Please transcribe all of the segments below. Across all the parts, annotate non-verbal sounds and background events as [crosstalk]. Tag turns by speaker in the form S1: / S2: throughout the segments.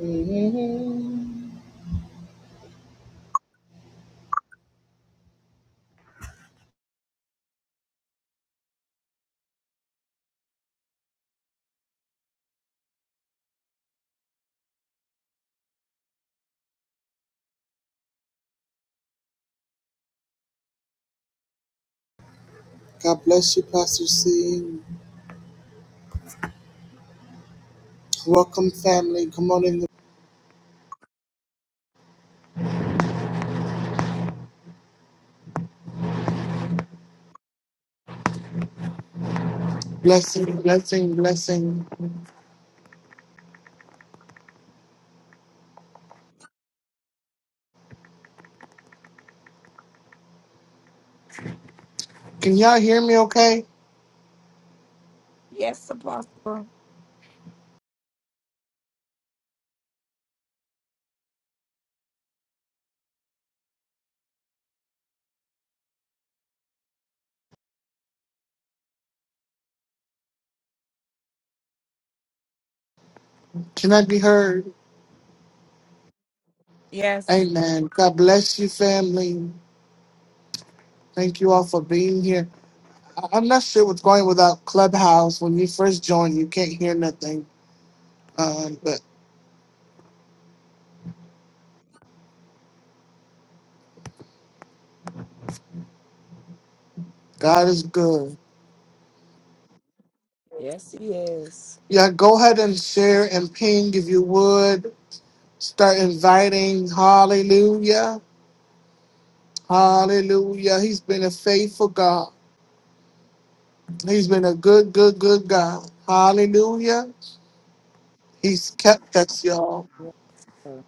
S1: Mhm. God bless you, Pastor C. Welcome, family. Come on in. Blessing, blessing, blessing. Can y'all hear me okay?
S2: Yes, Apostle.
S1: Can I be heard?
S2: Yes.
S1: Amen. God bless you, family. Thank you all for being here. I- I'm not sure what's going without Clubhouse. When you first join, you can't hear nothing. Um, but God is good.
S2: Yes, he is.
S1: Yeah, go ahead and share and ping if you would. Start inviting. Hallelujah. Hallelujah. He's been a faithful God. He's been a good, good, good God. Hallelujah. He's kept us, y'all.
S2: Yes, sir.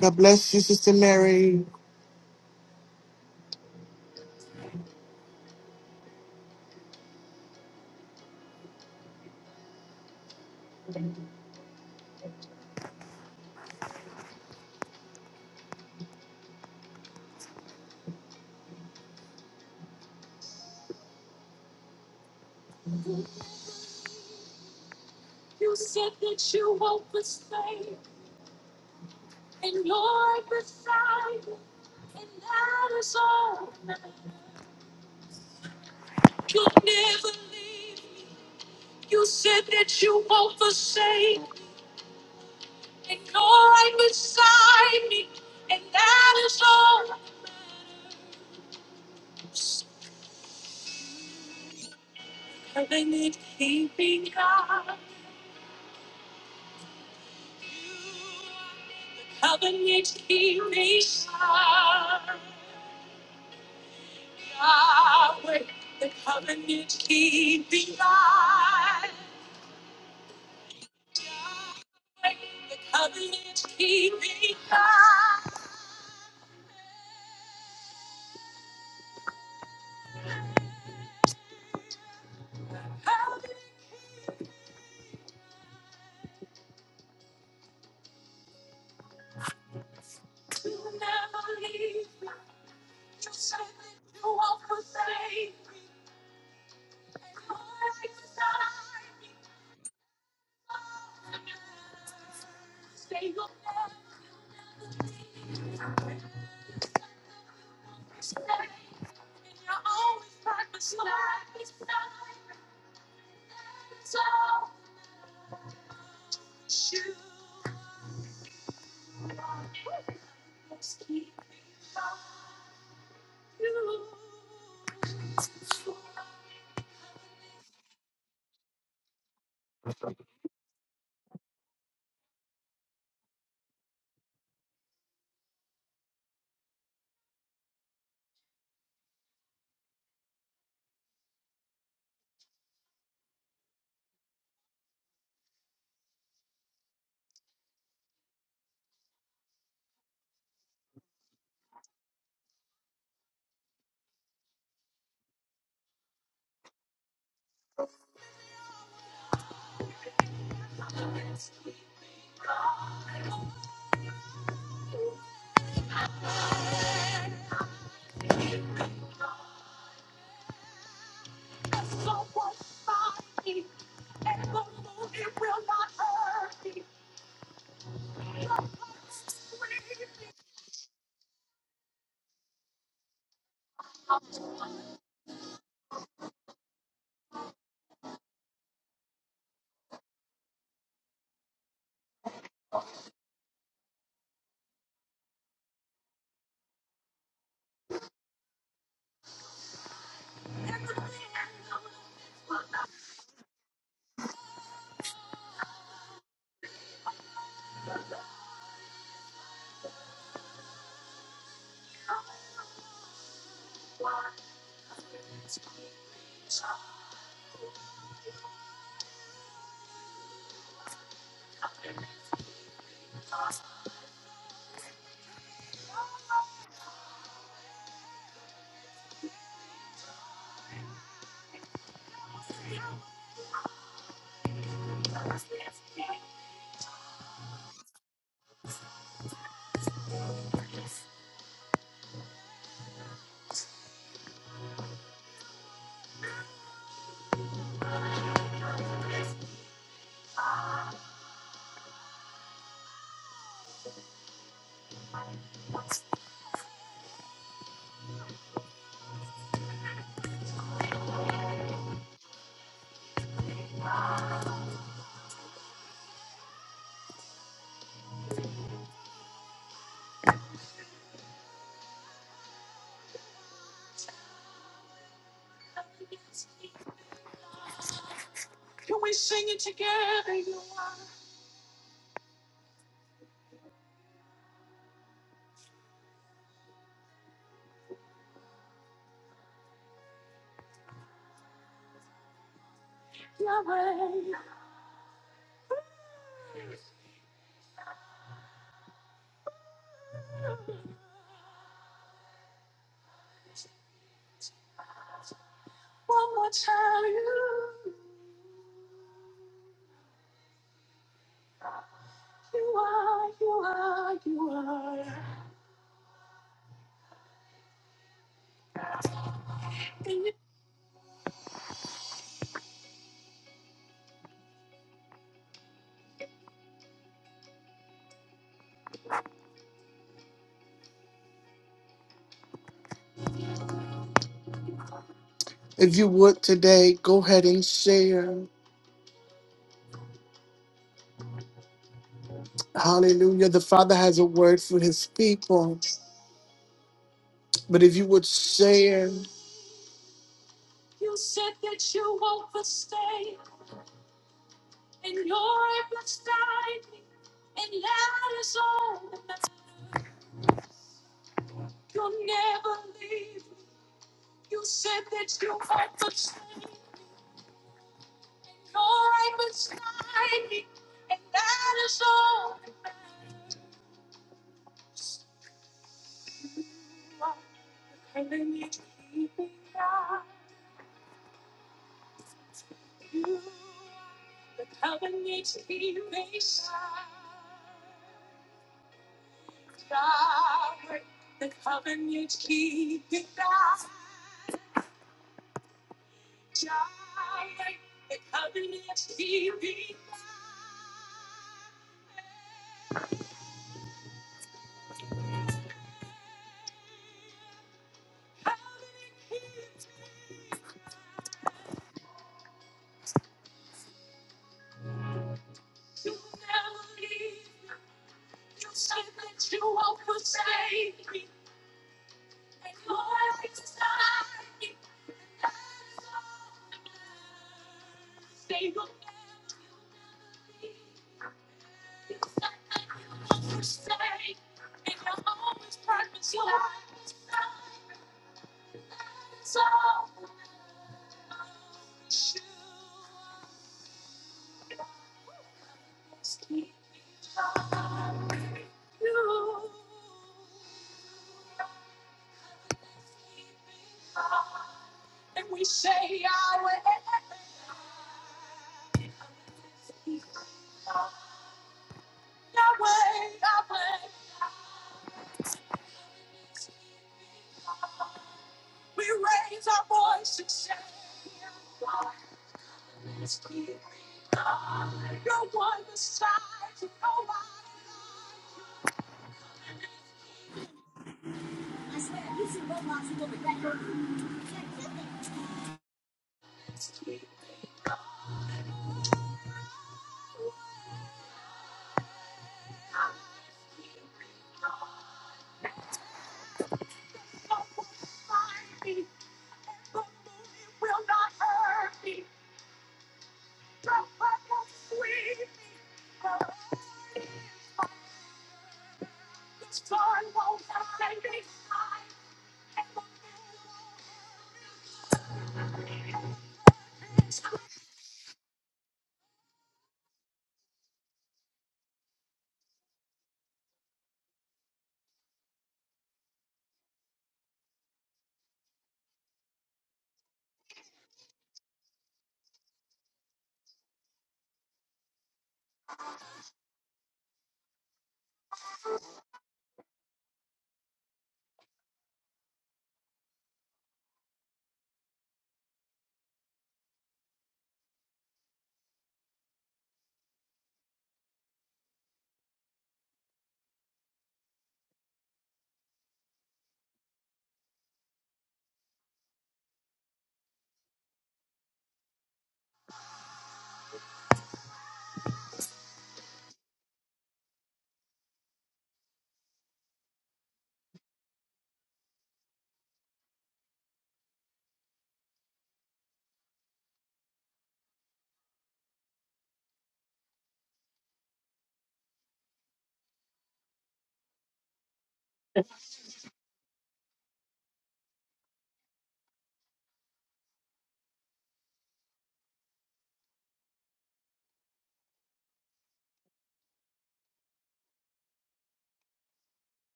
S1: God bless you, Sister Mary. If you would today, go ahead and share. Hallelujah. The Father has a word for his people. But if you would share,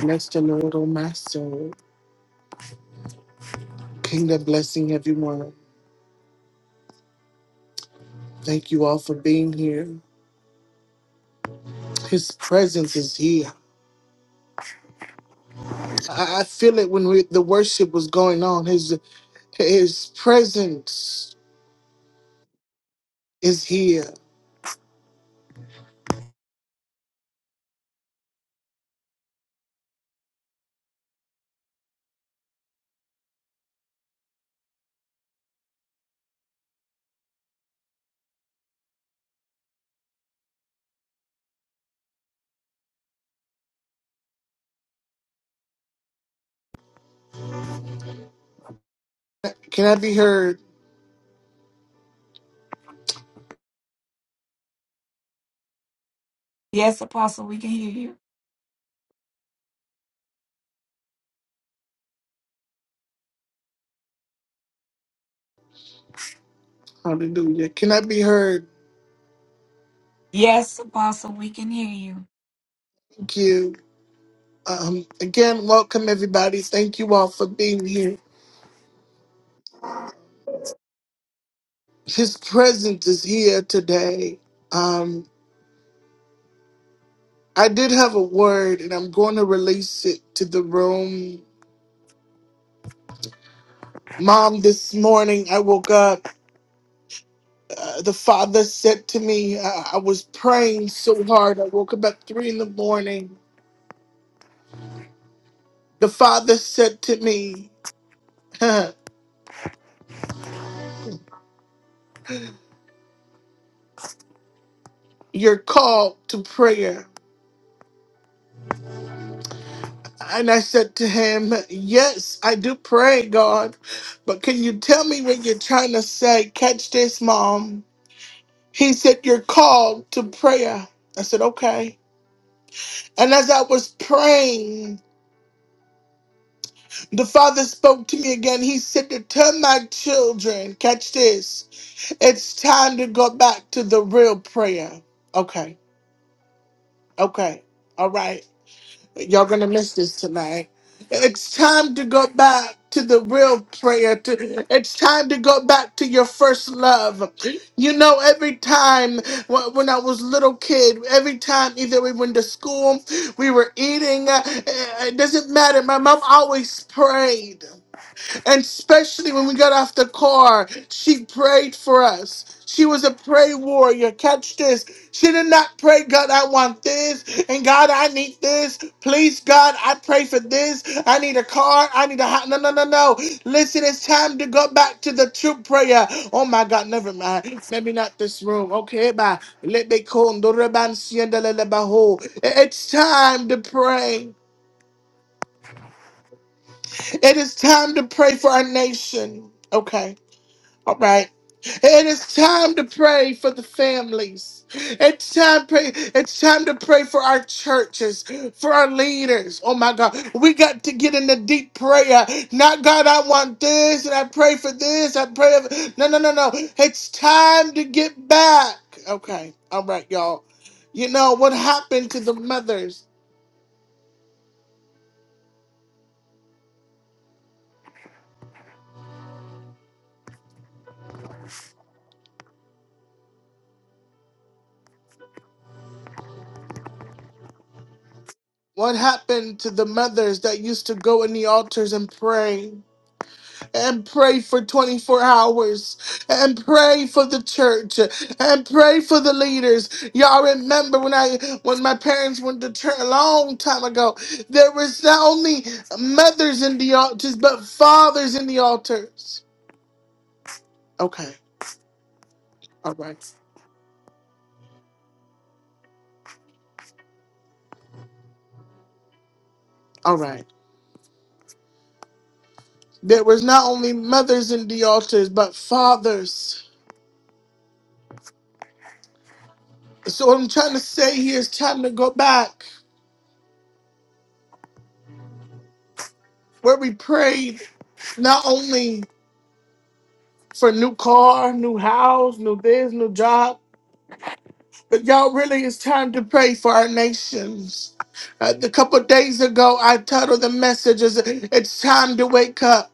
S1: bless the Lord, oh my soul. Kingdom blessing, everyone. Thank you all for being here. His presence is here. I I feel it when we, the worship was going on. His His presence is here. Can I be heard?
S2: Yes, Apostle, we can hear you.
S1: Hallelujah. Can I be heard?
S2: Yes, Apostle, we can hear you.
S1: Thank you. Um, again, welcome everybody. Thank you all for being here. His presence is here today. Um, I did have a word and I'm going to release it to the room. Mom, this morning I woke up. Uh, the father said to me, uh, I was praying so hard. I woke up at three in the morning. The father said to me, [laughs] You're called to prayer. And I said to him, Yes, I do pray, God, but can you tell me what you're trying to say? Catch this, Mom. He said, You're called to prayer. I said, Okay. And as I was praying, the Father spoke to me again. He said, To tell my children, catch this, it's time to go back to the real prayer. Okay, okay, all right. Y'all gonna miss this tonight. It's time to go back to the real prayer. To, it's time to go back to your first love. You know, every time wh- when I was little kid, every time either we went to school, we were eating. uh, It doesn't matter. My mom always prayed. And especially when we got off the car, she prayed for us. She was a pray warrior. Catch this. She did not pray, God, I want this. And God, I need this. Please, God, I pray for this. I need a car. I need a house. No, no, no, no. Listen, it's time to go back to the true prayer. Oh, my God, never mind. Maybe not this room. Okay, bye. Let me call. It's time to pray. It is time to pray for our nation. Okay. All right. And it's time to pray for the families. It's time pray. It's time to pray for our churches, for our leaders. Oh my God, we got to get in the deep prayer. Not God, I want this, and I pray for this. I pray. for-" No, no, no, no. It's time to get back. Okay. All right, y'all. You know what happened to the mothers? What happened to the mothers that used to go in the altars and pray? and pray for 24 hours and pray for the church and pray for the leaders y'all remember when i when my parents went to church a long time ago there was not only mothers in the altars but fathers in the altars okay all right all right there was not only mothers in the altars but fathers so what i'm trying to say here is time to go back where we prayed not only for new car, new house, new this, new job. But y'all really, it's time to pray for our nations. Uh, a couple of days ago, I titled the message as "It's time to wake up,"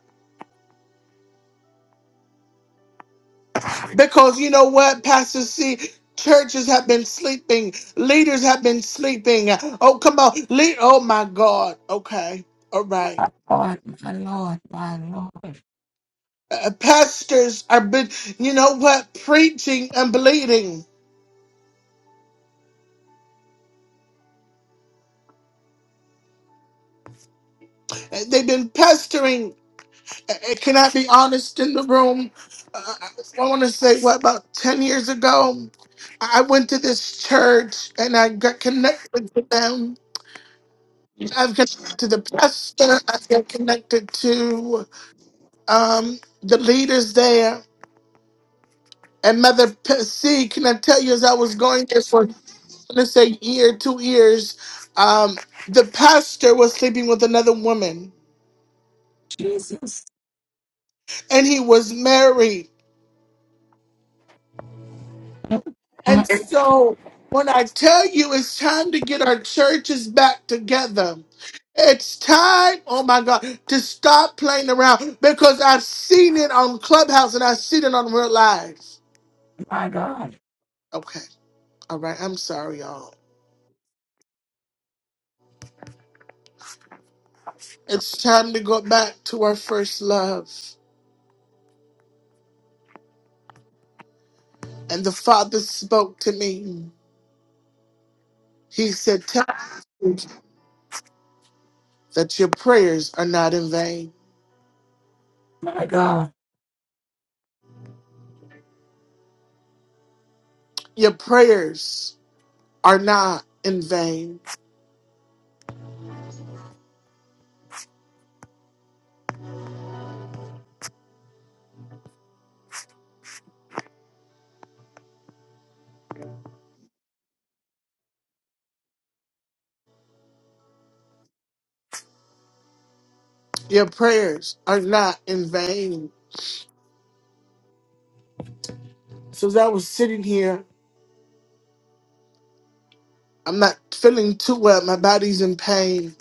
S1: because you know what, Pastor C. Churches have been sleeping. Leaders have been sleeping. Oh, come on. Lead. Oh, my God. Okay. All right.
S2: Oh, my Lord, my Lord,
S1: Uh, uh, pastors are been, you know what, preaching and bleeding. Uh, They've been pestering Uh, Can I be honest in the room? Uh, I want to say, what, about 10 years ago, I went to this church and I got connected to them. I've connected to the pastor, I've got connected to um, the leaders there. And Mother P- C, can I tell you, as I was going there for, let's say, year, two years, um, the pastor was sleeping with another woman
S2: Jesus.
S1: and he was married
S2: Mm,
S1: And so when I tell you it's time to get our churches back together, it's time, oh my God, to stop playing around because I've seen it on Clubhouse and I've seen it on real life.
S2: My God,
S1: Okay, all right, I'm sorry, y'all. It's time to go back to our first love. And the Father spoke to me. He said, Tell that your prayers are not in vain.
S2: my God.
S1: Your prayers are not in vain. Your prayers are not in vain. So as I was sitting here, I'm not feeling too well. My body's in pain.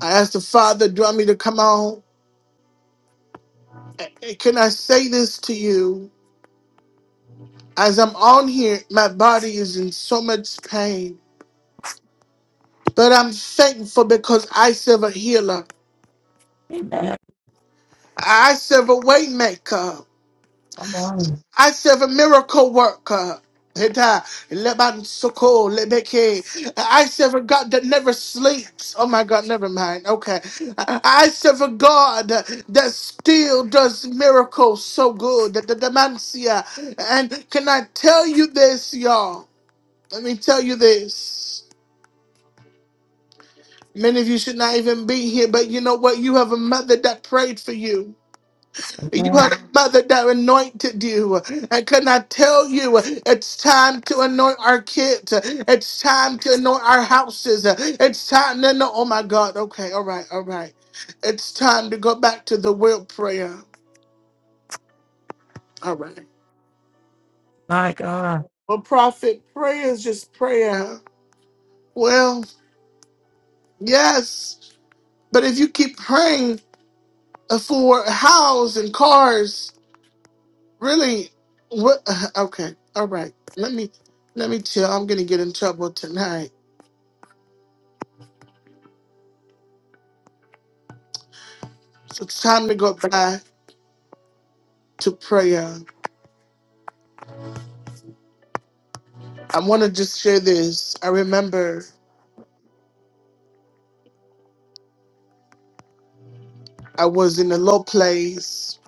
S1: I asked the Father, do you want me to come on? A- a- Can I say this to you? As I'm on here, my body is in so much pain. But I'm thankful because I serve a healer.
S2: Amen.
S1: I serve a way maker.
S2: Come on.
S1: I serve a miracle worker. Hita, lebansoko, lebeke. I serve a God that never sleeps. Oh my God, never mind. Okay. I I serve a God that still does miracles so good. The the dementia. And can I tell you this, y'all? Let me tell you this. Many of you should not even be here, but you know what? You have a mother that prayed for you. You
S2: Amen.
S1: had a mother that anointed you. And can I tell you, it's time to anoint our kids. It's time to anoint our houses. It's time to know. Oh my God. Okay. All right. All right. It's time to go back to the will prayer. All right.
S2: My God,
S1: Well, prophet, prayer is just prayer. Well, yes. But if you keep praying for houses and cars, really, what? Okay. All right. Let me, let me chill. I'm going to get in trouble tonight. So it's time to go back to prayer. I want to just share this. I remember I was in a low place.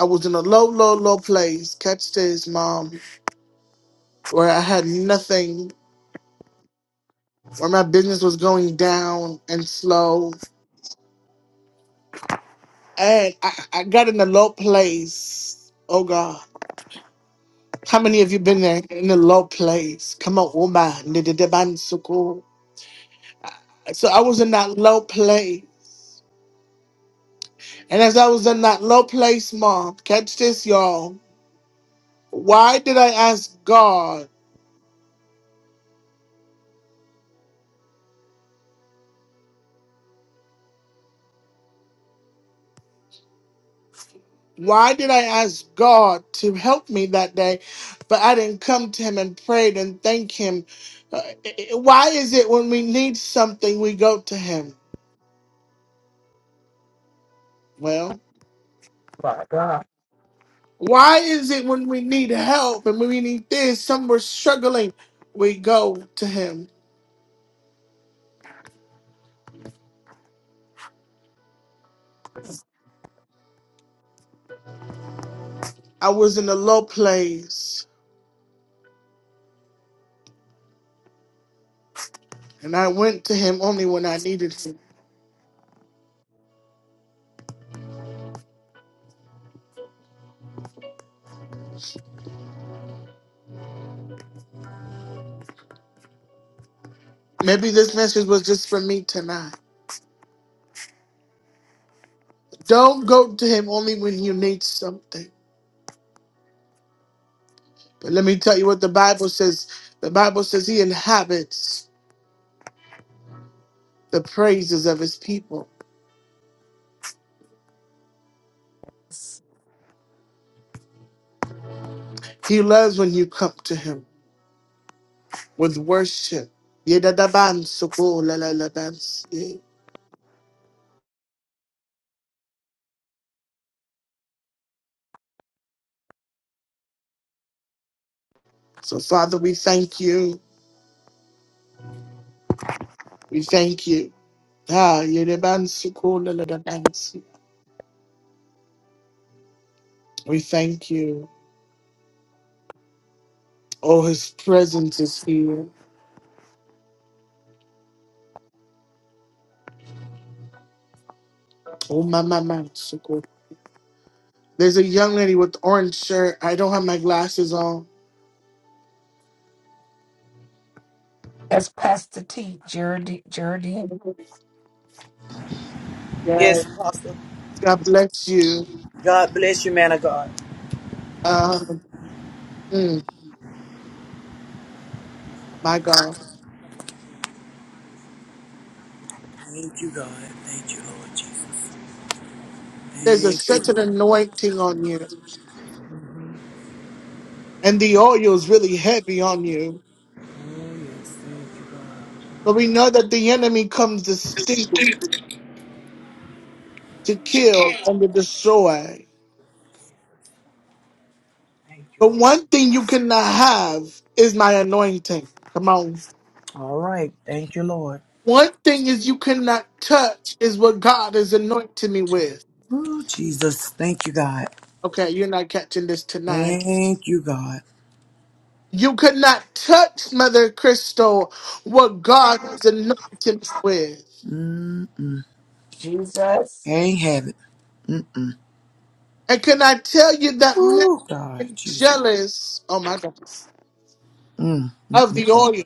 S1: I was in a low, low, low place. Catch this, mom, where I had nothing, where my business was going down and slow. And I, I got in a low place. Oh God. How many of you been there in a low place? Come on, woman. So I was in that low place. And as I was in that low place, Mom, catch this, y'all. Why did I ask God? Why did I ask God to help me that day, but I didn't come to Him and prayed and thank Him? Uh, why is it when we need something we go to Him? Well,
S2: my God.
S1: why is it when we need help and when we need this, some we're struggling, we go to Him? I was in a low place, and I went to Him only when I needed Him. Maybe this message was just for me tonight. Don't go to him only when you need something. But let me tell you what the Bible says. The Bible says he inhabits the praises of his people. He loves when you come to him with worship. Yedadabansukulelelebans. So, Father, we thank you. We thank you. Ah, yedebansukulelelebans. We thank you. Oh, his presence is here. Oh, my, my, my. There's a young lady with orange shirt. I don't have my glasses on.
S2: That's Pastor T, Geraldine. Geraldine.
S1: Yes.
S3: Yes, Apostle.
S1: God bless you.
S3: God bless you, man of God.
S1: Um, mm, my God.
S3: Thank you, God. Thank you, Lord Jesus.
S1: There's a
S3: Thank you.
S1: such an anointing on you. And the oil is really heavy on you.
S3: Oh, yes. Thank you, God.
S1: But we know that the enemy comes to steal, to kill, and to destroy.
S3: Thank you,
S1: But
S3: Lord.
S1: one thing you cannot have is my anointing. Come on.
S3: All right. Thank you, Lord.
S1: One thing is you cannot touch is what God has anointed me with.
S3: Ooh, Jesus. Thank you, God.
S1: Okay, you're not catching this tonight.
S3: Thank you, God.
S1: You could not touch Mother Crystal what God was anointed with.
S3: Mm,
S2: Jesus.
S3: can't have it.
S1: And can I tell you that men
S3: Oh,
S1: are
S3: God. Jesus.
S1: jealous, oh my God,
S3: Mm,
S1: of the oil?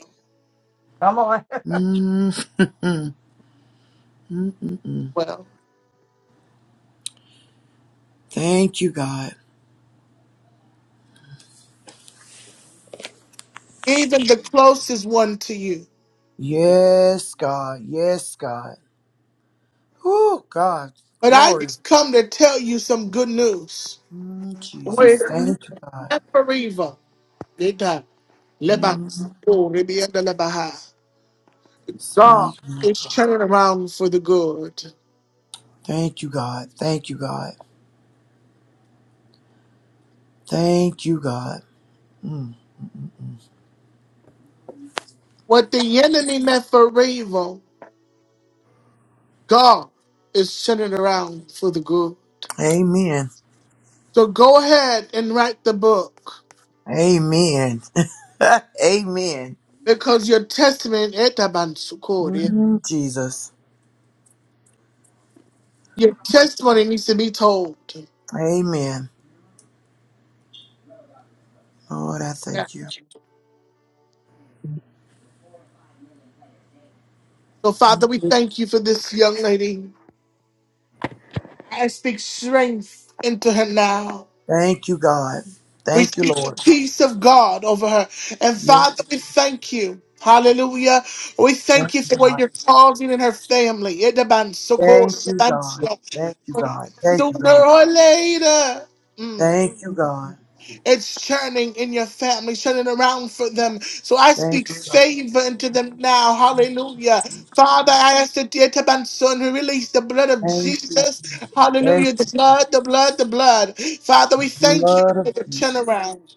S2: Come on. [laughs]
S3: mm. [laughs]
S1: Well,
S3: Thank you, God.
S1: even the closest one to you.
S3: Yes, God. Yes, God. Ooh, God.
S1: But I
S3: Glory.
S1: just come to tell you some good news.
S3: Mm, Jesus,
S1: We're
S3: thank you, God.
S1: never evil. They die. Lebanon,
S3: Mm,
S1: oh, glory be under the Baha.
S3: speak, my
S1: It's
S3: God.
S1: turning around for the good.
S3: Thank you, God. Thank you, God. Thank you, God. Mm.
S1: What the enemy meant for evil, God is turning around for the good.
S3: Amen.
S1: So go ahead and write the book
S3: Amen. [laughs] Amen.
S1: because your testimony, Etabansukori,
S3: Mm, Jesus.
S1: your testimony needs to be told.
S3: Amen. Lord, I
S1: Yeah.
S3: thank you.
S1: So, Father, we thank you for this young lady. I speak strength into her now.
S3: Thank you, God.
S1: We
S3: Thank you,
S1: speak the
S3: Lord.
S1: peace of God over her. And,
S3: Yes,
S1: Father, we thank you. Hallelujah. We thank
S3: thank
S1: you
S3: you,
S1: for what
S3: God.
S1: you're causing in her family. Etabansukori,
S3: Thank you, God.
S1: Etabansu-
S3: Thank you, God. Thank you,
S1: Sooner
S3: God.
S1: or later. mm,
S3: Thank you, God.
S1: It's churning in your family, turning around for them. So I
S3: Thank
S1: speak
S3: you, God.
S1: favor into them now. Hallelujah. Father, I ask that dear Taban son who release the blood of
S3: Thank you.
S1: Jesus.
S3: Thank
S1: Hallelujah. The blood, the blood, the blood. Father, we
S3: you,
S1: thank you
S3: blood
S1: for
S3: of
S1: the
S3: Jesus.
S1: turnaround.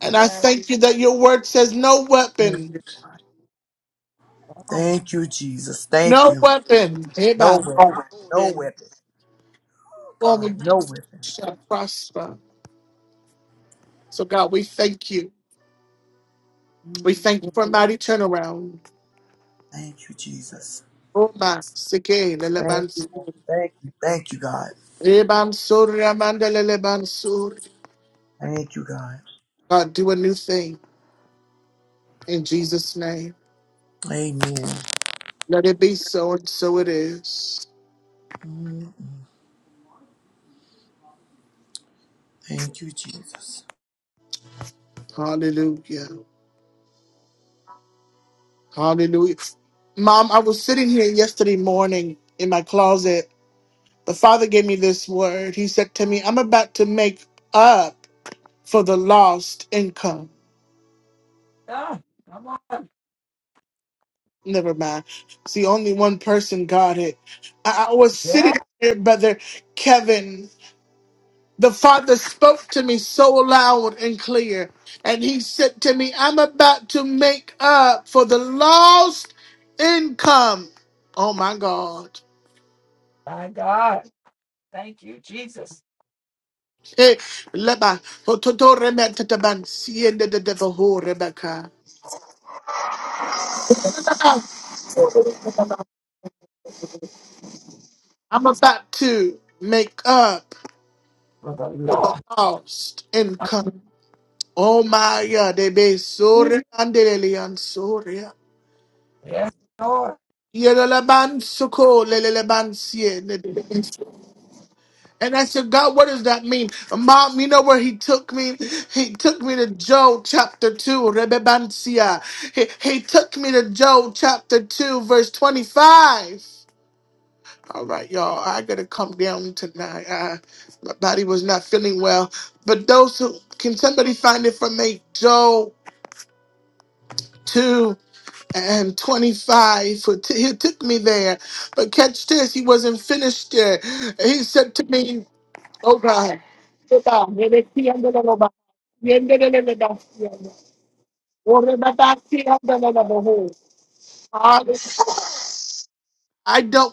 S1: And I
S2: Yeah,
S1: thank you that your word says no weapon,
S2: Come on.
S3: Thank you, Jesus. Thank
S1: no
S3: you.
S1: weapon.
S3: No
S1: Amen.
S3: weapon. No weapon. Oh,
S1: Form
S3: God, no
S1: against
S3: weapon.
S1: us shall prosper. So God, we thank you. We thank you for a mighty turnaround.
S3: Thank you, Jesus.
S1: Oba sike
S3: Thank
S1: leleban
S3: you. Lord.
S1: sur.
S3: Thank you. Thank you, God.
S1: Reban sur ramanda leleban sur.
S3: Thank you, God.
S1: God, do a new thing in Jesus' name.
S3: Amen.
S1: Let it be so, and so it is.
S3: Mm, Thank you, Jesus.
S1: Hallelujah. Hallelujah. Mom, I was sitting here yesterday morning in my closet. The Father gave me this word. He said to me, I'm about to make up for the lost income.
S2: Yeah, Come on.
S1: Never mind. It's the only one person God had. I, I was
S2: Yeah,
S1: sitting here, Brother Kevin, The Father spoke to me so loud and clear, and He said to me, I'm about to make up for the lost income. Oh my God.
S2: my God. Thank you, Jesus.
S1: Hey, leba, hototo remetetaban, siende de devoho rebeka. I'm about to make up
S2: for the
S1: for the
S2: Lord.
S1: lost income. Oh my God, they be sorry and
S2: Yes, Lord.
S1: Yeleleban soko leleleban And I said, God, what does that mean? Mom, you know where he took me? He took me to Job chapter 2, Rebebansia. He, he took me to Job chapter 2, verse 25. All right, y'all, I gotta come down tonight. I, my body was not feeling well. But those who, can somebody find it for me? Job 2 and 25. For t- he took me there. But catch this, he wasn't finished there. He said to me, Oh God. I don't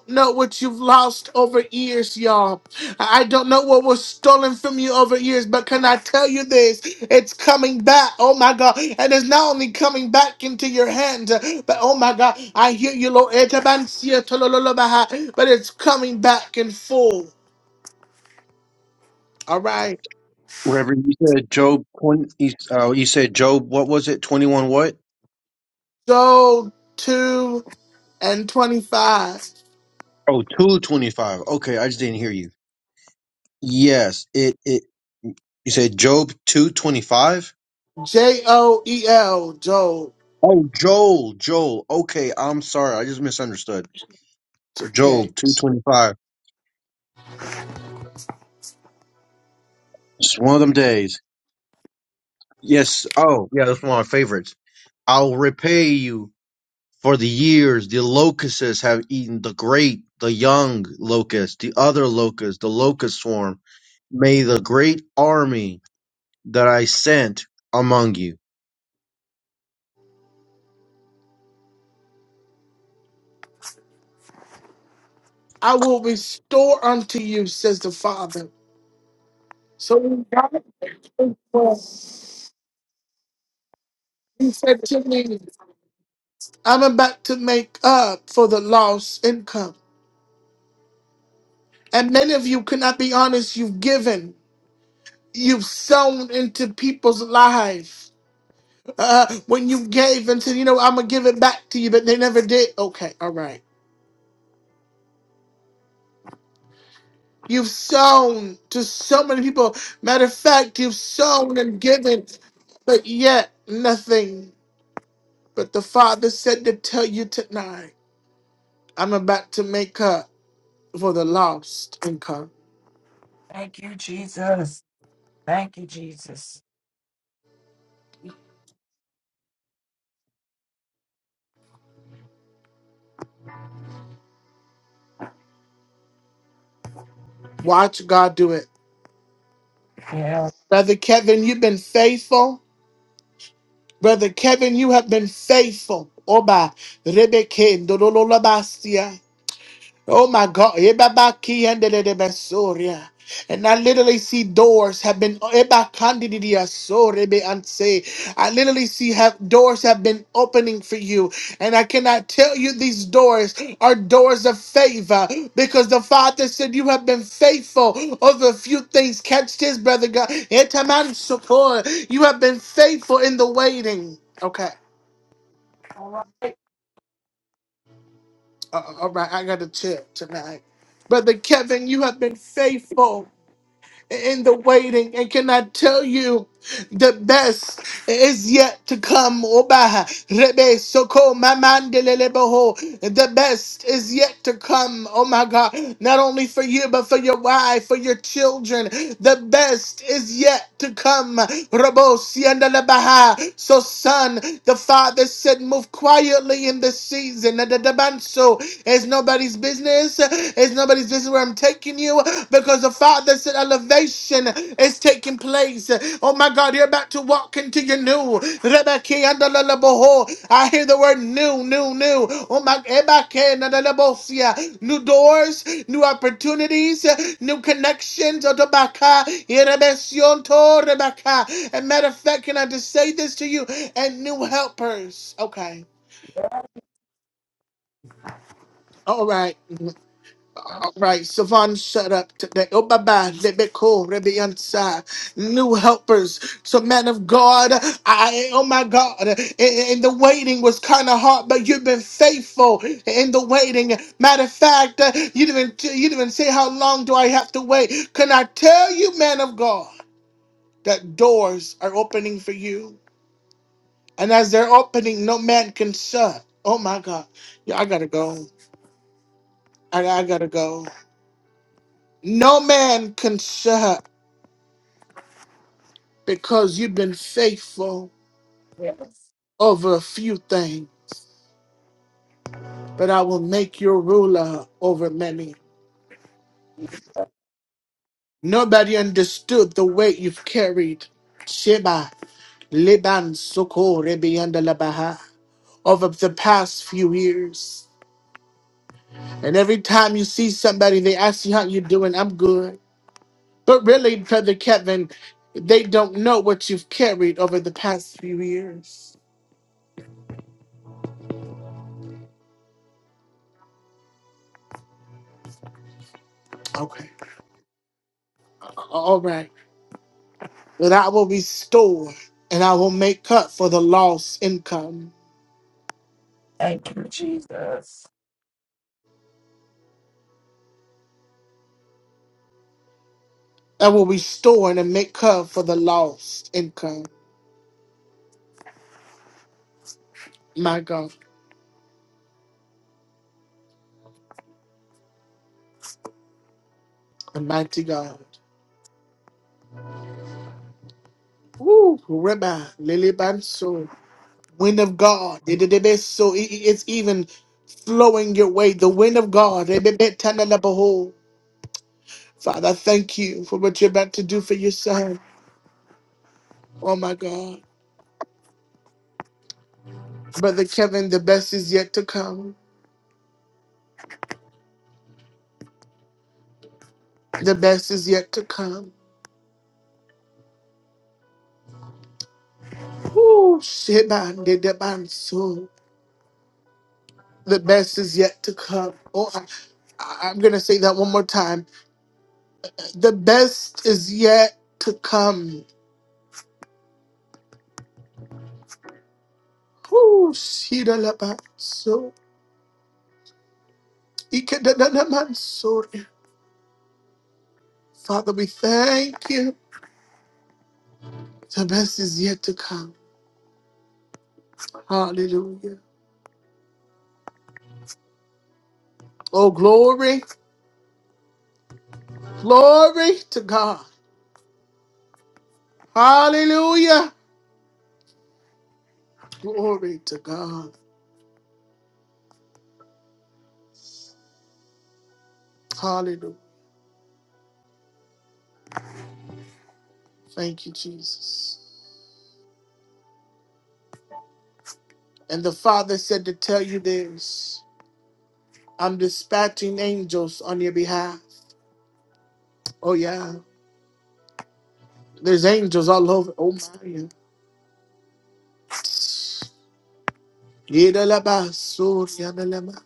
S1: know what you've lost over years, y'all. I don't know what was stolen from you over years, but can I tell you this? It's coming back. Oh my God. And it's not only coming back into your hands, but oh my God, I hear you, Lord. Etabansia tolololobaha, But it's coming back in full. All right.
S4: Reverend, you said Job twenty. You, uh, you said Job. What was it? Twenty one. What?
S1: So 2 and 25.
S4: Oh, two twenty five. Okay, I just didn't hear you. Yes, it. It. You said Job two twenty five.
S1: J O E L, Joel.
S4: Oh, Joel. Joel. Okay, I'm sorry. I just misunderstood. Joel
S1: Okay.
S4: two twenty five. It's one of them days. Yes. Oh, yeah. That's one of my favorites. I'll repay you for the years the locusts have eaten the great, the young locust, the other locust, the locust swarm. May the great army that I sent among you
S1: I will restore unto you, says the Father. So when God came for us, he said to me, I'm about to make up for the lost income. And many of you cannot be honest, you've given, you've sown into people's lives. Uh, when you gave and said, you know, I'm gonna give it back to you, but they never did. Okay, all right. You've sown to so many people. Matter of fact, you've sown and given, but yet nothing. But the Father said to tell you tonight, I'm about to make up for the lost income.
S2: Thank you, Jesus. Thank you, Jesus.
S1: Watch God do it.
S2: Yeah.
S1: Brother Kevin, you've been faithful. Brother Kevin, you have been faithful. Oba, Rebeke, Oh my God. Ebabaki endelede besoria. And I literally see doors have been ebakandidia sorebe anse. I literally see have doors have been opening for you. And I cannot tell you these doors are doors of favor because the Father said you have been faithful over a few things. Catch this, brother God. Etaman sopor. You have been faithful in the waiting. Okay.
S2: All right.
S1: Uh, uh, all right. I got to chill tonight. Brother Kevin, you have been faithful. in the waiting. And can I tell you, the best is yet to come. Oba, Rebe, Soko, Mamandeleleboho. The best is yet to come. Oh my God. Not only for you, but for your wife, for your children. The best is yet to come. Robo, Siandelebaha. So, son, the father said, Move quietly in this season. Nadadabanso. It's nobody's business. It's nobody's business I'm taking you because the Father said elevation is taking place. Oh my God, you're about to walk into your new. Rebecca, and the Lalaboho. I hear the word new, new, new. Oh my Ebake, and the Lalabosia. new doors, new opportunities, new connections. Oh, Erebesion to Rebecca. And matter of fact, can I just say this to you? And new helpers. Okay.
S2: Yes.
S1: All right.
S2: um,
S1: All right, Savon, shut up today. Oh, bye bye. Lebeko, Rebiansa. New helpers. So, man of God, I, oh my God, and, and the waiting was kind of hard, but you've been faithful in the waiting. Matter of fact, uh, you didn't, even- you didn't even say how long do I have to wait. Can I tell you, man of God, that doors are opening for you? And as they're opening, no man can shut. Oh my God. Yeah, I gotta go. I, I gotta go. No man can shut. because you've been faithful
S2: Yes.
S1: over a few things, but I will make you ruler over many. Nobody understood the weight you've carried. Sheba, Liban, Soko, Rebi, and Labaha, over the past few years. And every time you see somebody, they ask you how you doing. I'm good. But really, Brother Kevin, they don't know what you've carried over the past few years. Okay. All right. that I will restore and I will make up for the lost income.
S2: Thank you, Jesus.
S1: I will restore and make up for the lost income. My God, Almighty God. Reba, Lily Banso, wind of God. it- it- it is So it- it- it's even flowing your way. The wind of God. it- it- it- tana la behold. Father, I thank you for what you're about to do for your son. Oh my God. Brother Kevin, the best is yet to come. The best is yet to come. Shebandedebanso. The best is yet to come. Oh, I, I- I'm going to say that one more time. The best is yet to come. Oh, Shidalabanso. Ikedadadamanso. Father, we thank you. The best is yet to come. Hallelujah. Oh, glory. Glory to God. Hallelujah. Glory to God. Hallelujah. Thank you, Jesus. And the Father said to tell you this I'm dispatching angels on your behalf. Oh, yeah. There's angels all over. Oh, my. Yidalabasuriyadalama.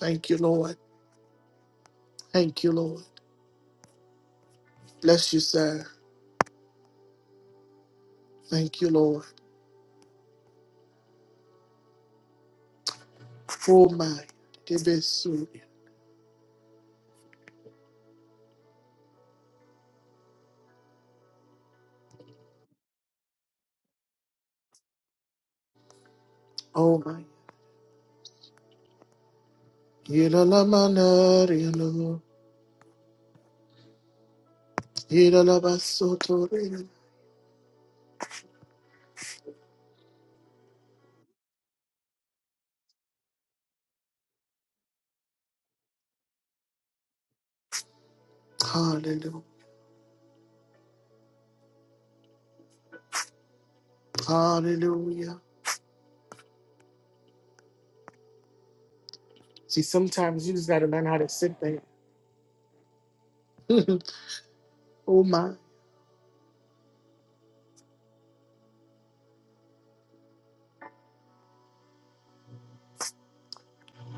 S1: Thank you, Lord. Thank you, Lord. Bless you, sir. Thank you, Lord. Oh, my. Dibisu. Oh, my. Yidalamanariyalo. Yidalabasotoriyalo. Hallelujah. Hallelujah. See, sometimes you just got to learn how to sit there. [laughs] Oh my.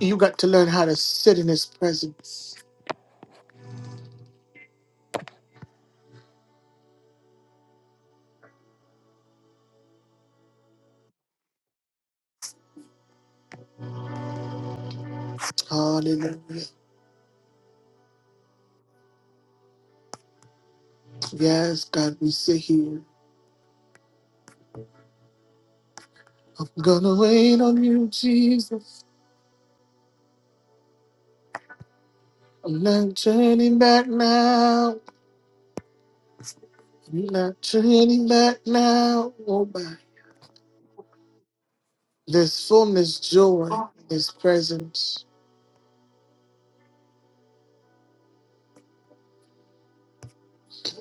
S1: You got to learn how to sit in his presence. Hallelujah. Yes, God, we sit here. I'm gonna wait on you, Jesus. I'm not turning back now. I'm not turning back now. Oh my. There's fullness joy in his presence.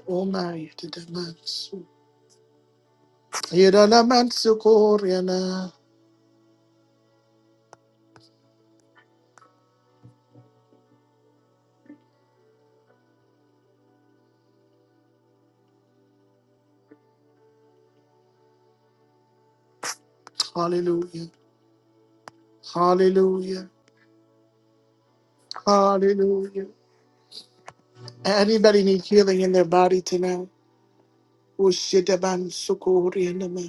S1: Oh my to the mansu. Yidalamansu koryana. Hallelujah. Hallelujah. Hallelujah. Anybody need healing in their body tonight? Ushidaban sukuri anama.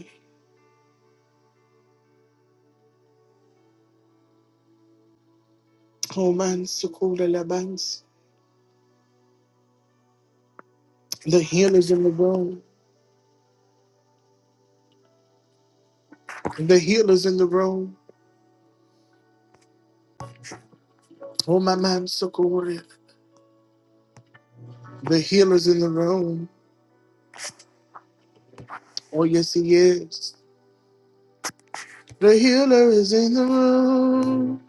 S1: Homan sukura labans. The healers in the room. The healers in the room. Oh, my Homaman sukuri. The healers in the room. Oh, yes, he is. The healer is in the room.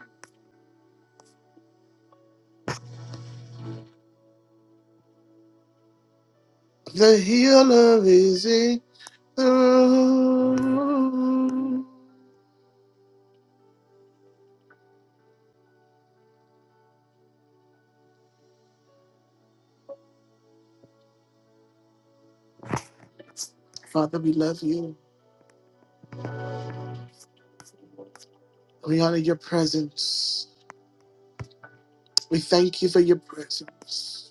S1: The healer is in the room. Father, we love you. We honor your presence. We thank you for your presence.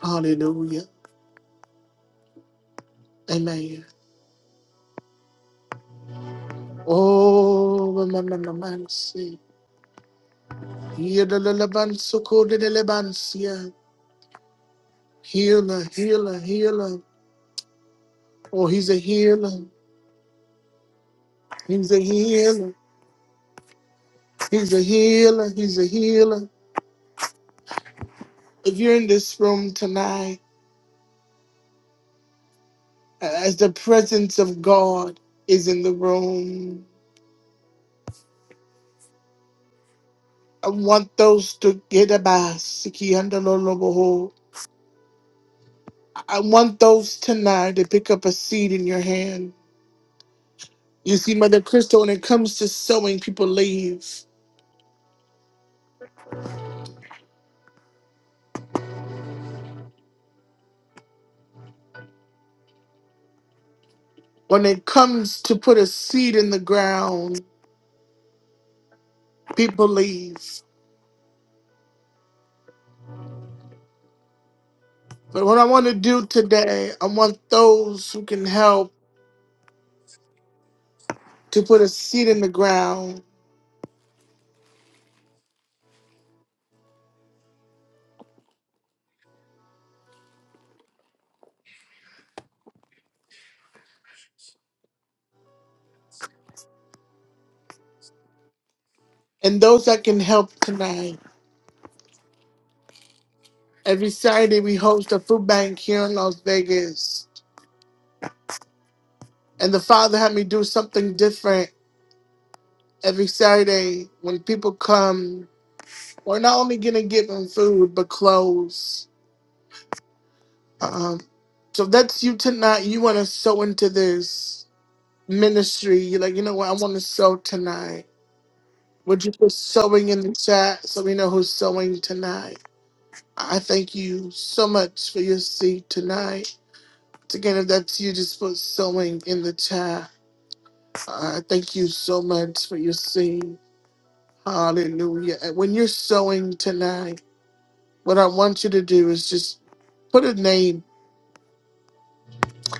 S1: Hallelujah. Amen. Oh, Ramanamansi. Yedalalabansokodelebansia. Healer, healer, healer. Oh, he's a healer. He's a healer. He's a healer. He's a healer. If you're in this room tonight, as the presence of God is in the room, I want those to get a basiki and loloboho. I want those tonight to pick up a seed in your hand. You see, Mother Crystal, when it comes to sowing, people leave. when it comes to put a seed in the ground, people leave. But what I want to do today, I want those who can help to put a seed in the ground and those that can help tonight. Every Saturday, we host a food bank here in Las Vegas. And the Father had me do something different every Saturday when people come. We're not only going to give them food, but clothes. Um, so if that's you tonight. You want to sow into this. ministry, you're like, you know what, I want to sew tonight. Would you put sewing in the chat so we know who's sewing tonight? I thank you so much for your seed tonight. Again, if that's you, just put sewing in the chat. I thank you so much for your seed. Hallelujah. And when you're sewing tonight, what I want you to do is just put a name,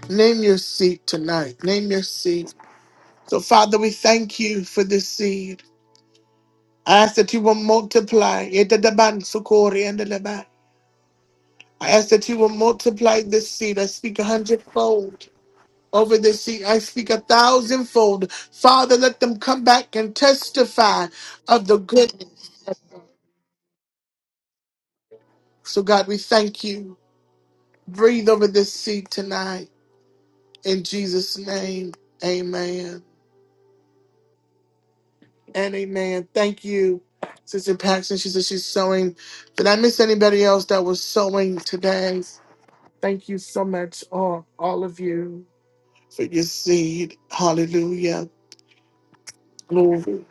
S1: name your seed tonight. Name your seed. So, Father, we thank you for this seed. I ask that you will multiply. Yedadaban sukori andadaba. I ask that you will multiply this seed. I speak a hundredfold over this seed. I speak a thousandfold. Father, let them come back and testify of the good. So, God, we thank you. Breathe over this seed tonight. In Jesus' name, amen and amen. Thank you, Sister Paxton. She said she's sowing. Did I miss anybody else that was sowing today? Thank you so much, all, all of you, for your seed. Hallelujah. Glory.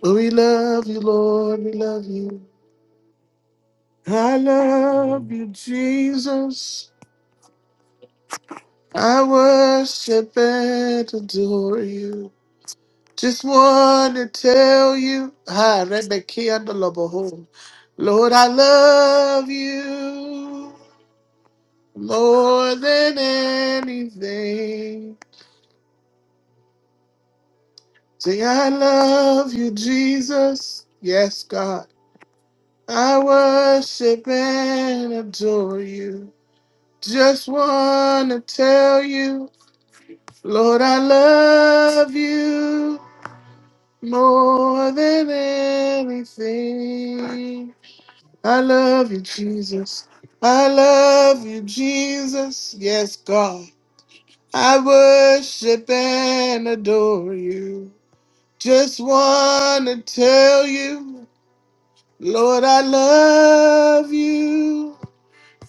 S1: Well, We love you, Lord. We love you. I love you, Jesus. I worship and adore you. Just want to tell you, hi, Rebecca and the Lobo. Lord, I love you more than anything. Say, I love you, Jesus. Yes, God. I worship and adore you. Just want to tell you, Lord, I love you more than anything. I love you, Jesus. I love you, Jesus. Yes, God. I worship and adore you. Just want to tell you. Lord, I love you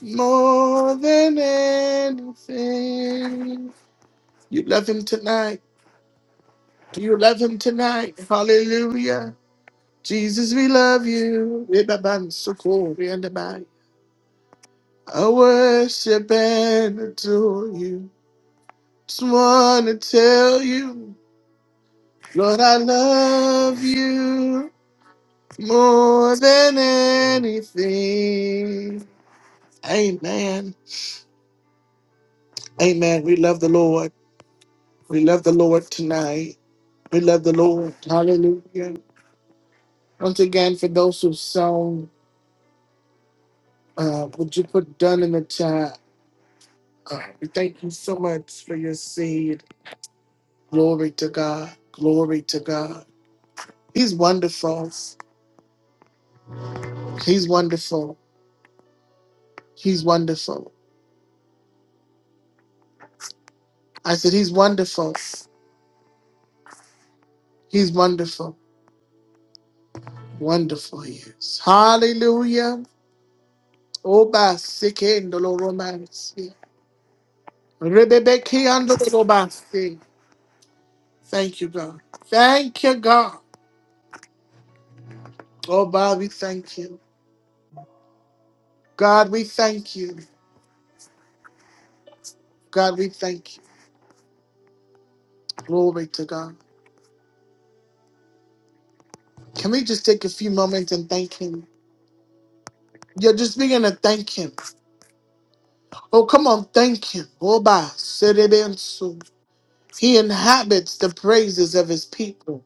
S1: more than anything. You love him tonight. Do you love him tonight? Hallelujah. Jesus, we love you. We love and support you and abide. I worship and adore you. Just want to tell you, Lord, I love you more than anything. Amen. Amen. We love the Lord. We love the Lord tonight. We love the Lord. Hallelujah. Once again, for those who've sown, uh, would you put done in the chat? Uh, we thank you so much for your seed. Glory to God. Glory to God. He's wonderful. He's wonderful. He's wonderful. I said, He's wonderful. He's wonderful. Wonderful he is. Hallelujah. Oba sikendo lo romance. Rebebe kiando lo Thank you, God. Thank you, God. Oh, God, we thank you. God, we thank you. God, we thank you. Glory to God. Can we just take a few moments and thank Him? Yeah, just begin to thank Him. Oh, come on, thank Him. Oh, ba serebensu. He inhabits the praises of His people.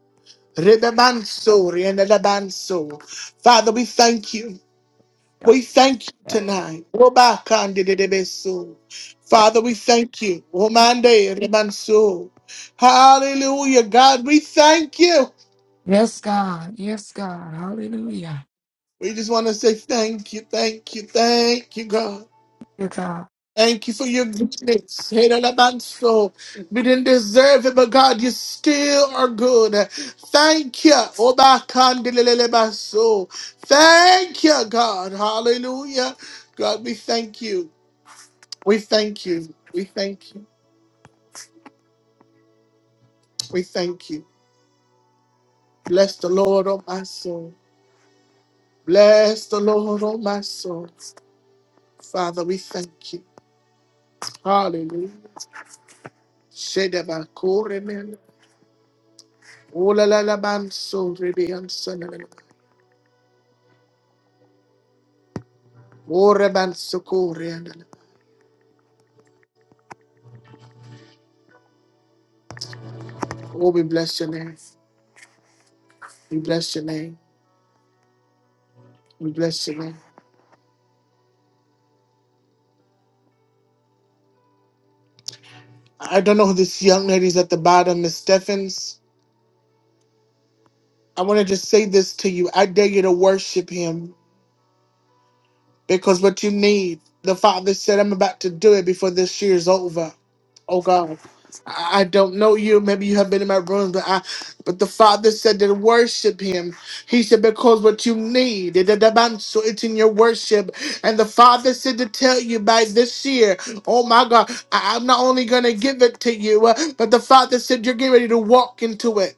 S1: Rebebanso, rienelebanso. Father, we thank you. We thank you tonight. Robakandidedebesu. Father, we thank you. Omande remanso. Hallelujah. God, we thank you.
S2: Yes, God. Yes, God. Hallelujah.
S1: We just want to say thank you, thank you, thank you, God.
S2: Dear God.
S1: Thank you for your goodness. Hedalabanso. We didn't deserve it, but God, you still are good. Thank you. Obakandilelebaso. Thank you, God. Hallelujah. God, we thank you. We thank you. We thank you. We thank you. Bless the Lord, oh my soul. Bless the Lord, oh my soul. Father, we thank you. Hallelujah. Shedabakore men. Olalalaban so rebean sonamen. Oreban sokorean. Oh, we bless your name. We bless your name. We bless your name. I don't know who this young lady is at the bottom, Miss Stephens. I want to just say this to you. I dare you to worship him. because what you need, the Father said, I'm about to do it before this year's over. Oh God. I I don't know you. Maybe you have been in my room, but I, but the Father said to worship Him. He said because what you need, it- it- so it's in your worship. And the Father said to tell you by this year, oh my God, I, I'm not only gonna give it to you, uh, but the Father said you're getting ready to walk into it.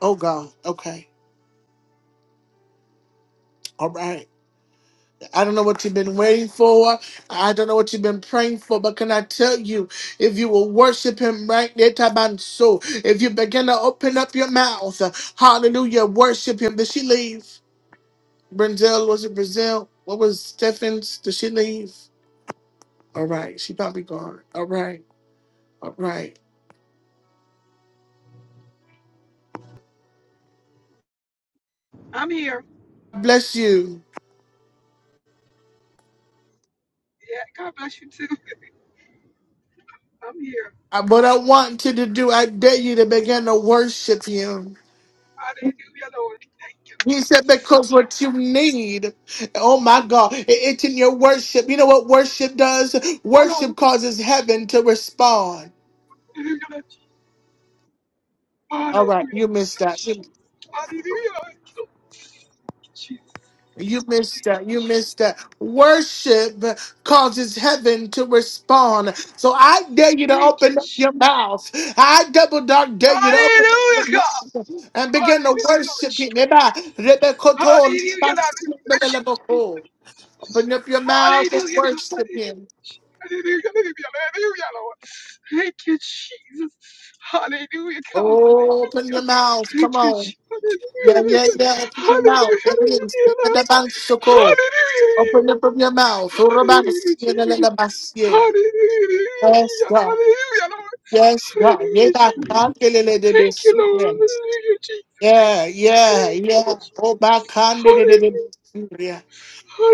S1: Oh God. Okay. All right. I don't know what you've been waiting for. I don't know what you've been praying for, but can I tell you, if you will worship him right there, Tabanso, if you begin to open up your mouth, uh, hallelujah, worship him. Did she leave? Brazil, was it Brazil? What was Stephens? Did she leave? All right, she probably gone. All right, all right.
S5: I'm here.
S1: Bless you.
S5: Yeah, God bless you too. I'm here.
S1: Uh, What I want you to do, I dare you to begin to worship him.
S5: Hallelujah, Lord. Thank you.
S1: He said, because what you need, oh my God, it- it's in your worship. You know what worship does?
S5: Hallelujah.
S1: Worship causes heaven to respond.
S5: Lord.
S1: All
S5: Hallelujah.
S1: right, you missed
S5: Lord.
S1: that. You
S5: Hallelujah. Lord. Jesus.
S1: you missed
S5: Thank
S1: that.
S5: you,
S1: You
S5: Jesus.
S1: missed that. Worship causes heaven to respond. So I dare you to
S5: Thank you,
S1: open up
S5: Jesus.
S1: your mouth. I double dog dare you to open up
S5: Hallelujah,
S1: your
S5: God.
S1: mouth and begin to
S5: Hallelujah, Lord.
S1: worship
S5: Jesus.
S1: him.
S5: Hallelujah, Lord. Jesus.
S1: Open up your mouth and
S5: Hallelujah, God.
S1: worship
S5: Hallelujah.
S1: him.
S5: Hallelujah, hallelujah, hallelujah, Lord. Thank you, Jesus. Hallelujah, God.
S1: Open
S5: Hallelujah.
S1: your mouth.
S5: Thank
S1: Come
S5: you,
S1: on.
S5: Jesus.
S1: Yeah, yeah, yeah. Open your
S5: Hallelujah.
S1: mouth. There it is. The the bank circle. Open
S5: Hallelujah.
S1: up from your
S5: Hallelujah.
S1: mouth.
S5: Hallelujah,
S1: Urabans.
S5: Jesus. Hallelujah.
S1: Yes, God.
S5: Hallelujah, Lord.
S1: Yes, God. Yeah,
S5: Hallelujah,
S1: God.
S5: Jesus.
S1: Candelele de
S5: Thank you, Lord.
S1: Besurians.
S5: Hallelujah,
S1: Yeah,
S5: Jesus.
S1: yeah, yeah.
S5: Hallelujah, Jesus.
S1: Oh, back. Candelele de
S5: Hallelujah.
S1: Besuria.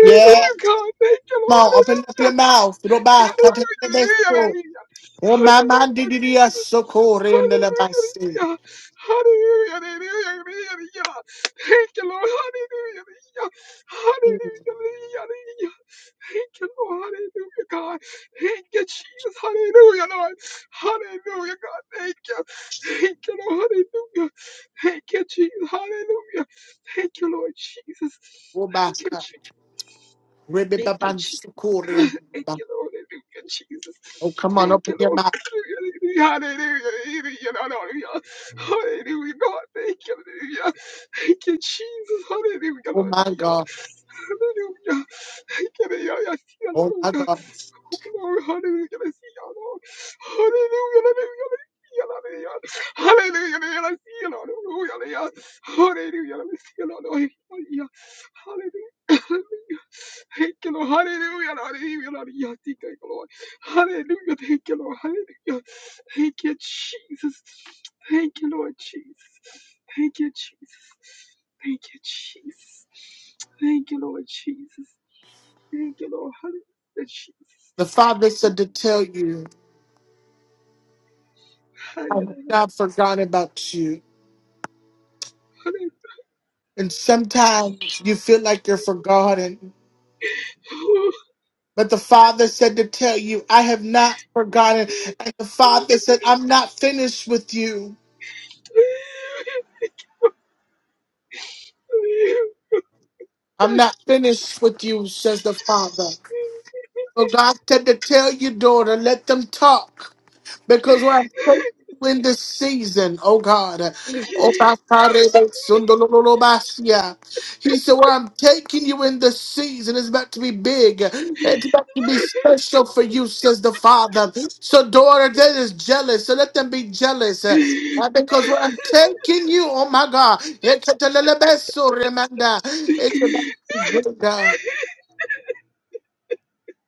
S1: Yeah.
S5: God. Thank you,
S1: Come
S5: Lord.
S1: Open up your
S5: Hallelujah.
S1: mouth. Roba. Candelele de
S5: Hallelujah.
S1: Besur.
S5: Hallelujah.
S1: Oh, my man.
S5: Hallelujah,
S1: Didiya
S5: Jesus.
S1: Sokore. Nelabasi.
S5: Hallelujah. Hallelujah. Hallelujah. Hallelujah. Thank you, Lord. Hallelujah. Hallelujah. Hallelujah. Thank you, Lord. Hallelujah, God. Thank you, Jesus. Hallelujah, Lord. Hallelujah, God. Thank you. Thank you, Lord. Hallelujah. Thank you, Jesus. Hallelujah. Thank you, Lord Jesus.
S1: Oh, back.
S5: Thank you, Jesus.
S1: Rebebe
S5: Thank you, Jesus.
S1: Bansukurian.
S5: [laughs] Thank you, Lord. Hallelujah, Jesus.
S1: Oh, come on,
S5: Thank
S1: open
S5: you,
S1: your
S5: Lord.
S1: mouth.
S5: Hallelujah. Hallelujah. Hallelujah. Hallelujah. God, thank you. Hallelujah. Thank you, Jesus. Hallelujah.
S1: Oh, my
S5: Hallelujah.
S1: God.
S5: Hallelujah. Thank you, Lord. Yes,
S1: Oh, my
S5: Lord.
S1: God.
S5: Lord, hallelujah, I see you, Lord. Hallelujah, hallelujah, I see you, Lord. Hallelujah, hallelujah, I see you, Lord. Hallelujah, hallelujah, I see you, Lord. Hallelujah, hallelujah. Thank you, Lord. Hallelujah, hallelujah, hallelujah. Thank you, Lord. Hallelujah, thank you, Lord. Hallelujah. Thank you, Jesus. Thank you, Lord Jesus. Thank you, Jesus. Thank you, Jesus. Thank you, Lord Jesus. Thank you, Lord. Hallelujah, Jesus.
S1: The Father said to tell you, I have
S5: Hallelujah.
S1: not forgotten about you.
S5: Hallelujah.
S1: And sometimes you feel like you're forgotten. But the Father said to tell you, I have not forgotten.
S5: Thank
S1: And the Father said, I'm not finished with you. I'm not finished with you, says the Father. So God said to tell you, daughter, let them talk. Because we're thankful in this season, oh God. Oh, Bakarebe Sundololobasia. He said, Where I'm taking you in this season is about to be big. It's about to be special for you, says the Father. So, daughter, that is jealous. So let them be jealous. Uh, uh, because where I'm taking you, oh my God. Ekatelelebeso remanda. It's about to be greater.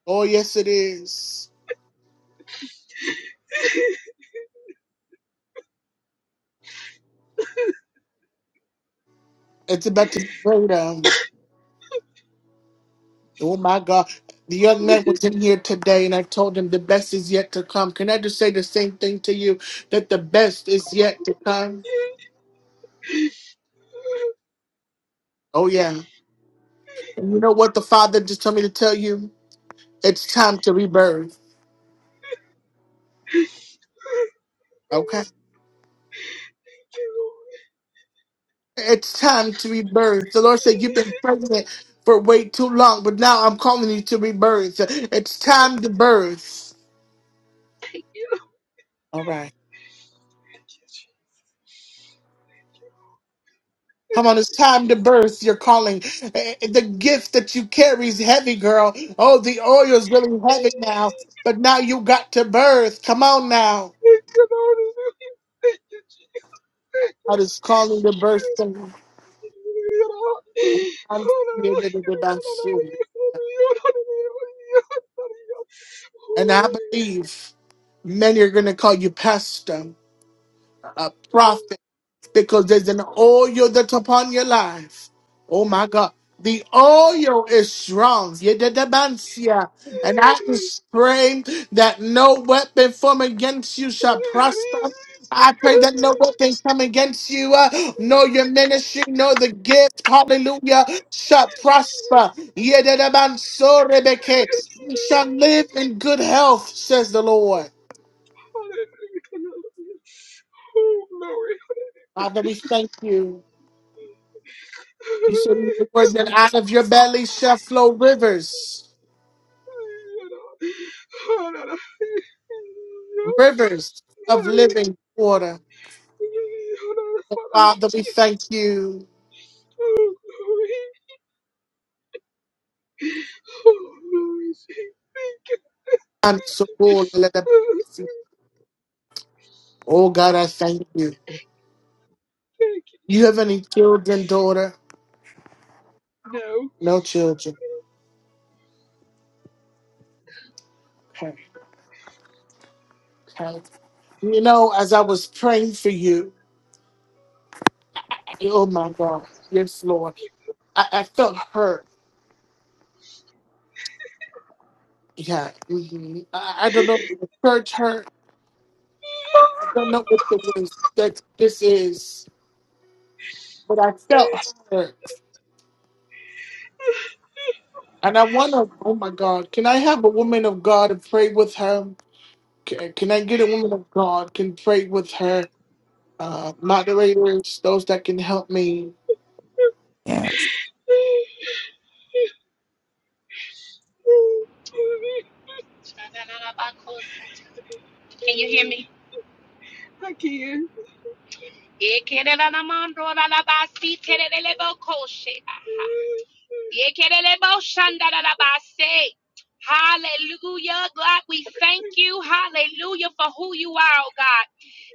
S1: Oh, yes, it is. It's about to be greater. Oh my God. The young man was in here today and I told him the best is yet to come. Can I just say the same thing to you? That the best is yet to come? Oh yeah. And you know what the father just told me to tell you? It's time to rebirth. Okay? It's time to rebirth. The Lord said you've been pregnant for way too long, but now I'm calling you to rebirth. It's time to birth.
S5: you. Lord.
S1: All right.
S5: Thank you, Jesus. Thank you.
S1: Come on, it's time to burst your calling. Eh, eh, The gift that you carry is heavy, girl. Oh, the oil is really
S5: Thank
S1: heavy
S5: you.
S1: now, but now you got to birth. Come on now.
S5: You know what I mean? Thank you, Jesus.
S1: God is calling the birth. thing.
S5: You know? Oh,
S1: I'm
S5: no, no, no.
S1: created in
S5: You
S1: the
S5: know, no, no,
S1: best
S5: no.
S1: soon.
S5: You know what I mean? You know what I
S1: And I
S5: mean?
S1: believe many are going to call you pastor, a prophet. because there's an oil that's upon your life. Oh my God. The oil is strong. Yedidabansia. And I just pray that no weapon formed against you shall prosper. I pray that no weapon come against you, uh, nor your ministry, nor the gift, hallelujah, shall prosper. Yedidabansorebeke. We shall live in good health, says the Lord.
S5: Oh, glory.
S1: Father, we thank you. You said in
S5: [laughs]
S1: your word that out of your belly shall flow rivers, rivers of living water. Father, we thank you. so, oh, Oh, God, I thank you. You have any children, daughter?
S5: No.
S1: No children. Okay. okay. You know, as I was praying for you, I- oh my God, yes, Lord, I, I felt hurt. Yeah, hmm I, I don't know if the church hurt. I don't know what the, that this is, but I felt hurt. And I want to, oh my God, can I have a woman of God and pray with her? Can, can I get a woman of God? Can pray with her? Uh, moderators, those that can help me.
S2: Yeah.
S6: Can you hear me?
S5: I can. not
S6: Ekereranamandoralabasiterelebokoshe. Yekeleleboshandarabase. Hallelujah. God, we thank you. Hallelujah for who you are, oh God.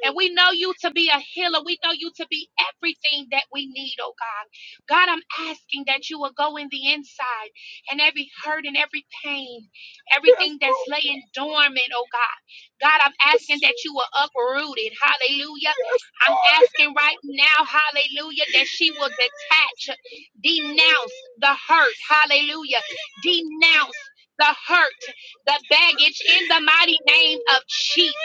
S6: And we know you to be a healer. We know you to be everything that we need, oh God. God, I'm asking that you will go in the inside and every hurt and every pain,
S5: Yes,
S6: everything that's
S5: Lord.
S6: laying dormant, oh God. God, I'm
S5: Yes,
S6: asking
S5: Jesus.
S6: that you will uproot it. Hallelujah.
S5: Yes,
S6: I'm
S5: Lord.
S6: asking right now, hallelujah,
S5: Thank
S6: that she will detach. Denounce the hurt. Hallelujah. Denounce the hurt, the baggage in the mighty name of Jesus.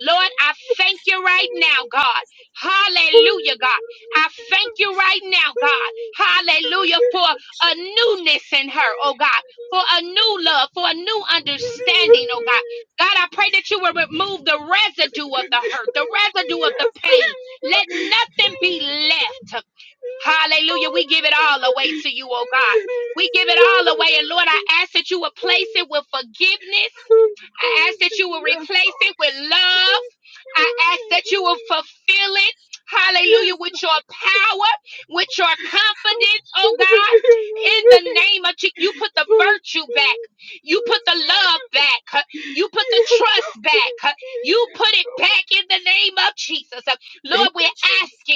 S6: Lord, I thank you right now, God. Hallelujah, God. I thank you right now, God. Hallelujah, for a newness in her, oh God, for a new love, for a new understanding, oh God. God, I pray that you will remove the residue of the hurt, the residue of the pain. Let nothing be left. Hallelujah. We give it all away to you, oh God. We give it all away. And Lord, I ask that you will place
S5: you.
S6: it with forgiveness.
S5: Jesus. Yes.
S6: I ask that you will replace it with love. I ask that you will fulfill it. Hallelujah. With your power, with your confidence, oh God. In the name of Jesus, you put the virtue back. You put the love back. huh? You put the trust back. huh? You put it back in the name of Jesus. Uh, Lord,
S5: They
S6: we're
S5: were Jesus.
S6: asking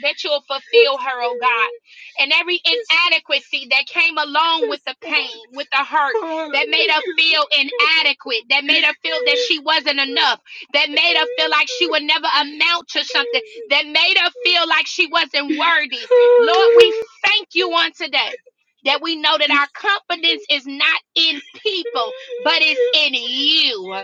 S6: that you'll fulfill her, oh God. And every
S5: Yes,
S6: inadequacy that came along with the pain,
S5: God.
S6: with the hurt, that made her feel inadequate, that made her feel that she wasn't enough, that made her feel like she would never amount to something, that made her feel like she wasn't worthy. Lord, we thank you on today. That we know that our confidence is not in people, but it's in you.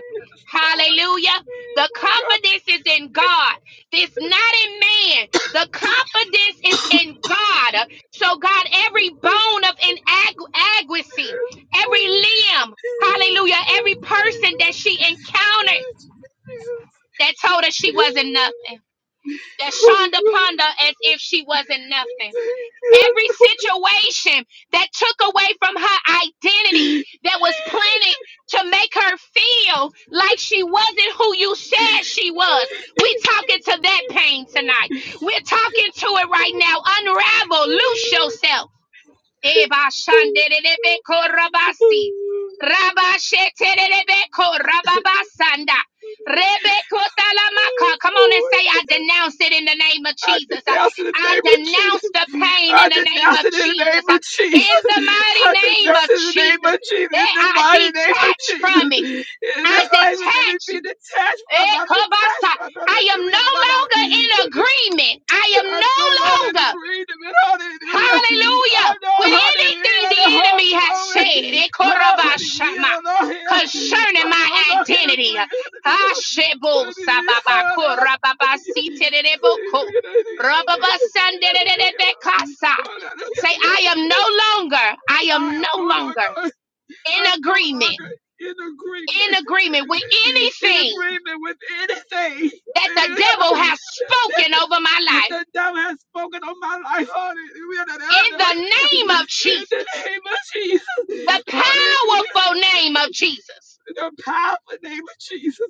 S6: Hallelujah. The
S5: Yes,
S6: confidence is in God. It's not in man. The confidence is in God. So, God, every bone of inadequacy, every limb, hallelujah, every person that she encountered that told her she wasn't nothing, that shunned upon her as if she wasn't nothing. Every situation that took away from her identity, that was planted to make her feel like she wasn't who you said she was. We're talking to that pain tonight. We're talking to it right now. Unravel, loose yourself. Eba shandelebe korabasi. Raba shetelebe korababasanda. Rebeko talamaka. Come on and say, I denounce it in the name of
S5: I
S6: Jesus.
S5: denounce in the
S6: I
S5: name of Jesus.
S6: denounce the pain in
S5: I
S6: the name
S5: denounce
S6: of
S5: it in the
S6: Jesus.
S5: name of Jesus.
S6: In the
S5: [laughs]
S6: mighty
S5: I
S6: name
S5: denounce
S6: of
S5: it in the name
S6: Jesus.
S5: of
S6: Eh,
S5: Jesus. In the
S6: I
S5: mighty name of
S6: detach from it.
S5: Jesus. In
S6: I
S5: the name of let me be
S6: detach.
S5: detached from.
S6: Eh,
S5: I'm detached
S6: kobasa.
S5: from.
S6: I am
S5: Hallelujah.
S6: no
S5: No, no,
S6: longer
S5: no.
S6: in agreement. I am
S5: I'm no longer
S6: no
S5: in
S6: longer.
S5: agreement. Hallelujah.
S6: Hallelujah.
S5: I'm not.
S6: With anything
S5: Hallelujah. The
S6: the
S5: whole
S6: enemy has said,
S5: glory.
S6: it korabashama,
S5: Hallelujah. Lord.
S6: concerning
S5: I'm
S6: my
S5: no longer in
S6: identity.
S5: agreement. Hallelujah. [laughs]
S6: Ashebo sababa
S5: I
S6: korababa siterebo rababa sanderebekasa. Say, I am no longer, I am
S5: am
S6: no
S5: no
S6: longer
S5: longer,
S6: in
S5: I'm no longer
S6: agreement,
S5: in
S6: in
S5: agreement,
S6: agreement with
S5: in
S6: anything
S5: agreement with anything
S6: that the devil has
S5: that, that,
S6: spoken over my
S5: that
S6: life.
S5: that devil has spoken on my life.
S6: In
S5: Hallelujah.
S6: the name of
S5: In the
S6: Jesus.
S5: name of
S6: the
S5: Jesus. Hallelujah.
S6: powerful name of Jesus.
S5: in the powerful name of Jesus.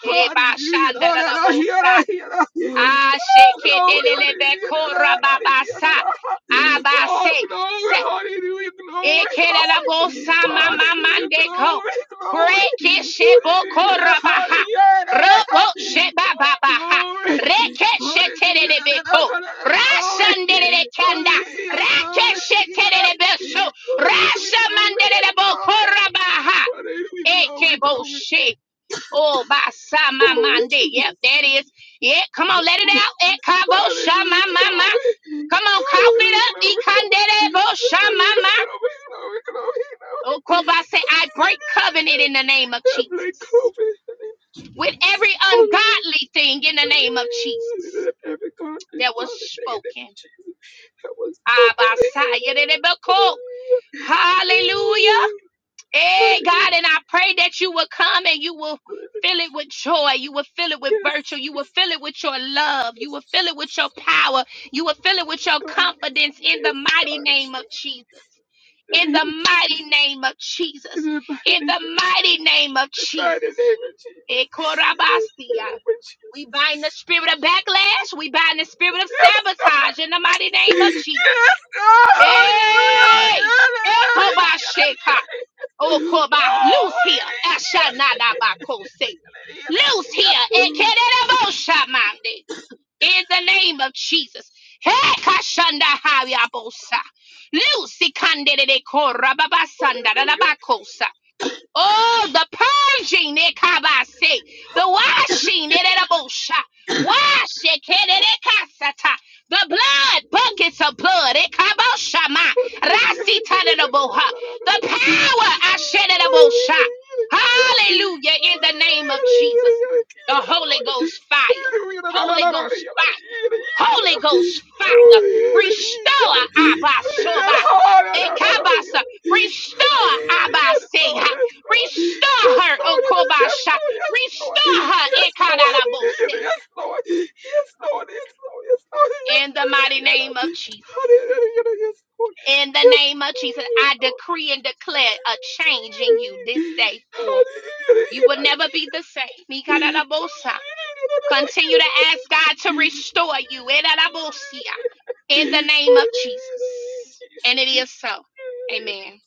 S5: Hallelujah. Da, da, da, here,
S6: Ebashandarabosha,
S5: da, here, da. Oh, glory. Hallelujah. Da, da, da, da, here, da,
S6: asheketelelebekorababasa,
S5: da. Oh,
S6: abase.
S5: glory.
S6: Set
S5: Hallelujah. Glory, glory. Hallelujah.
S6: Ekedabosamamamandeko.
S5: Glory, glory. Hallelujah. Da,
S6: Brekeshebokorabaha.
S5: Hallelujah. Da, da, da.
S6: Roboshebababaha.
S5: Glory. Hallelujah. Da, da, da,
S6: Rekesheterebeko.
S5: da, da. Glory.
S6: Rashanderekanda.
S5: Hallelujah. Da, Glory. Hallelujah.
S6: Rakesheterebeso.
S5: Hallelujah. Glory. Glory.
S6: Rashamanderebokorabaha.
S5: Hallelujah, glory, glory,
S6: Ekeboshe. Oh,
S5: Glory,
S6: basamamande. Yep,
S5: Jesus.
S6: that is. Yeah, come on, let it
S5: Glory.
S6: out.
S5: Hallelujah.
S6: Ekaboshamamama.
S5: Glory.
S6: Come on, cough it
S5: Hallelujah.
S6: up.
S5: Glory. Glory. Hallelujah.
S6: Ekanderebosamama.
S5: Glory. Glory. Glory.
S6: Oh, Koba
S5: Glory.
S6: say, I break covenant in the name of
S5: Heavenly
S6: Jesus
S5: glory. In the name of Jesus.
S6: with every
S5: Hallelujah.
S6: ungodly thing in the name of Jesus
S5: Let every
S6: that
S5: conflict,
S6: was
S5: all the thing in the name
S6: spoken.
S5: of Jesus. That was over.
S6: Abasaya de de beko.
S5: Hallelujah.
S6: Hallelujah.
S5: Hallelujah.
S6: Hey, God,
S5: Hallelujah.
S6: and I pray that you will come and you will fill it with joy. You will fill it with virtue.
S5: Yes,
S6: You will
S5: Jesus.
S6: fill it with your love. You
S5: Yes,
S6: will fill it with your
S5: Jesus.
S6: power. You will fill it with
S5: Yes,
S6: your
S5: God.
S6: confidence in the
S5: Yes,
S6: mighty
S5: God.
S6: name
S5: Jesus.
S6: of Jesus.
S5: the
S6: in
S5: name
S6: the
S5: of
S6: mighty
S5: Jesus.
S6: name of
S5: In
S6: Jesus.
S5: the mighty
S6: In
S5: name of
S6: the
S5: Jesus.
S6: mighty name of
S5: The mighty
S6: Jesus.
S5: name of Jesus. In the
S6: Ekorabastia.
S5: name of Jesus.
S6: We bind the spirit of backlash. We bind the spirit of
S5: Yes, God.
S6: sabotage in the mighty name of Jesus.
S5: Yes, God. Hallelujah.
S6: Hey! Ekobasheka.
S5: Hallelujah.
S6: Okoba.
S5: Oh,
S6: Loose here.
S5: Hallelujah.
S6: Ashanadabakose. Loose
S5: Hallelujah.
S6: here. Ekereboshama in the name of Jesus. Hey, Kashanda Hayabosa. Lucy Kandede Kora Babasanda Rabakosa. Oh, the purging, Nekabase. The washing, Nerebosha.
S5: Hallelujah.
S6: Wash it, Kasata. The blood, buckets of blood, Ekaboshama.
S5: Yes, Lord. Yes, Lord. Yes, Lord. Yes, Lord. Yes, Lord. Yes, Lord. Yes,
S6: Rasita Nereboha. The power, Ashenerabosha. Hallelujah, in the name of Jesus. The Holy Ghost fire. Holy Ghost fire. Holy Ghost fire, restore Abasoba. Ekabasa, restore Abaseha, restore her, Okobasha, restore her, Ekadarabose, in the mighty name
S5: Lord.
S6: of
S5: Yes,
S6: Jesus.
S5: Lord. Yes, Lord.
S6: In
S5: Yes,
S6: the name of Jesus,
S5: yes,
S6: I
S5: Lord.
S6: decree and declare a change in you this
S5: Yes,
S6: day forward. You will never be the same. Continue to ask God to restore you. Erarabosia. In the name of Jesus. And it is so. Amen.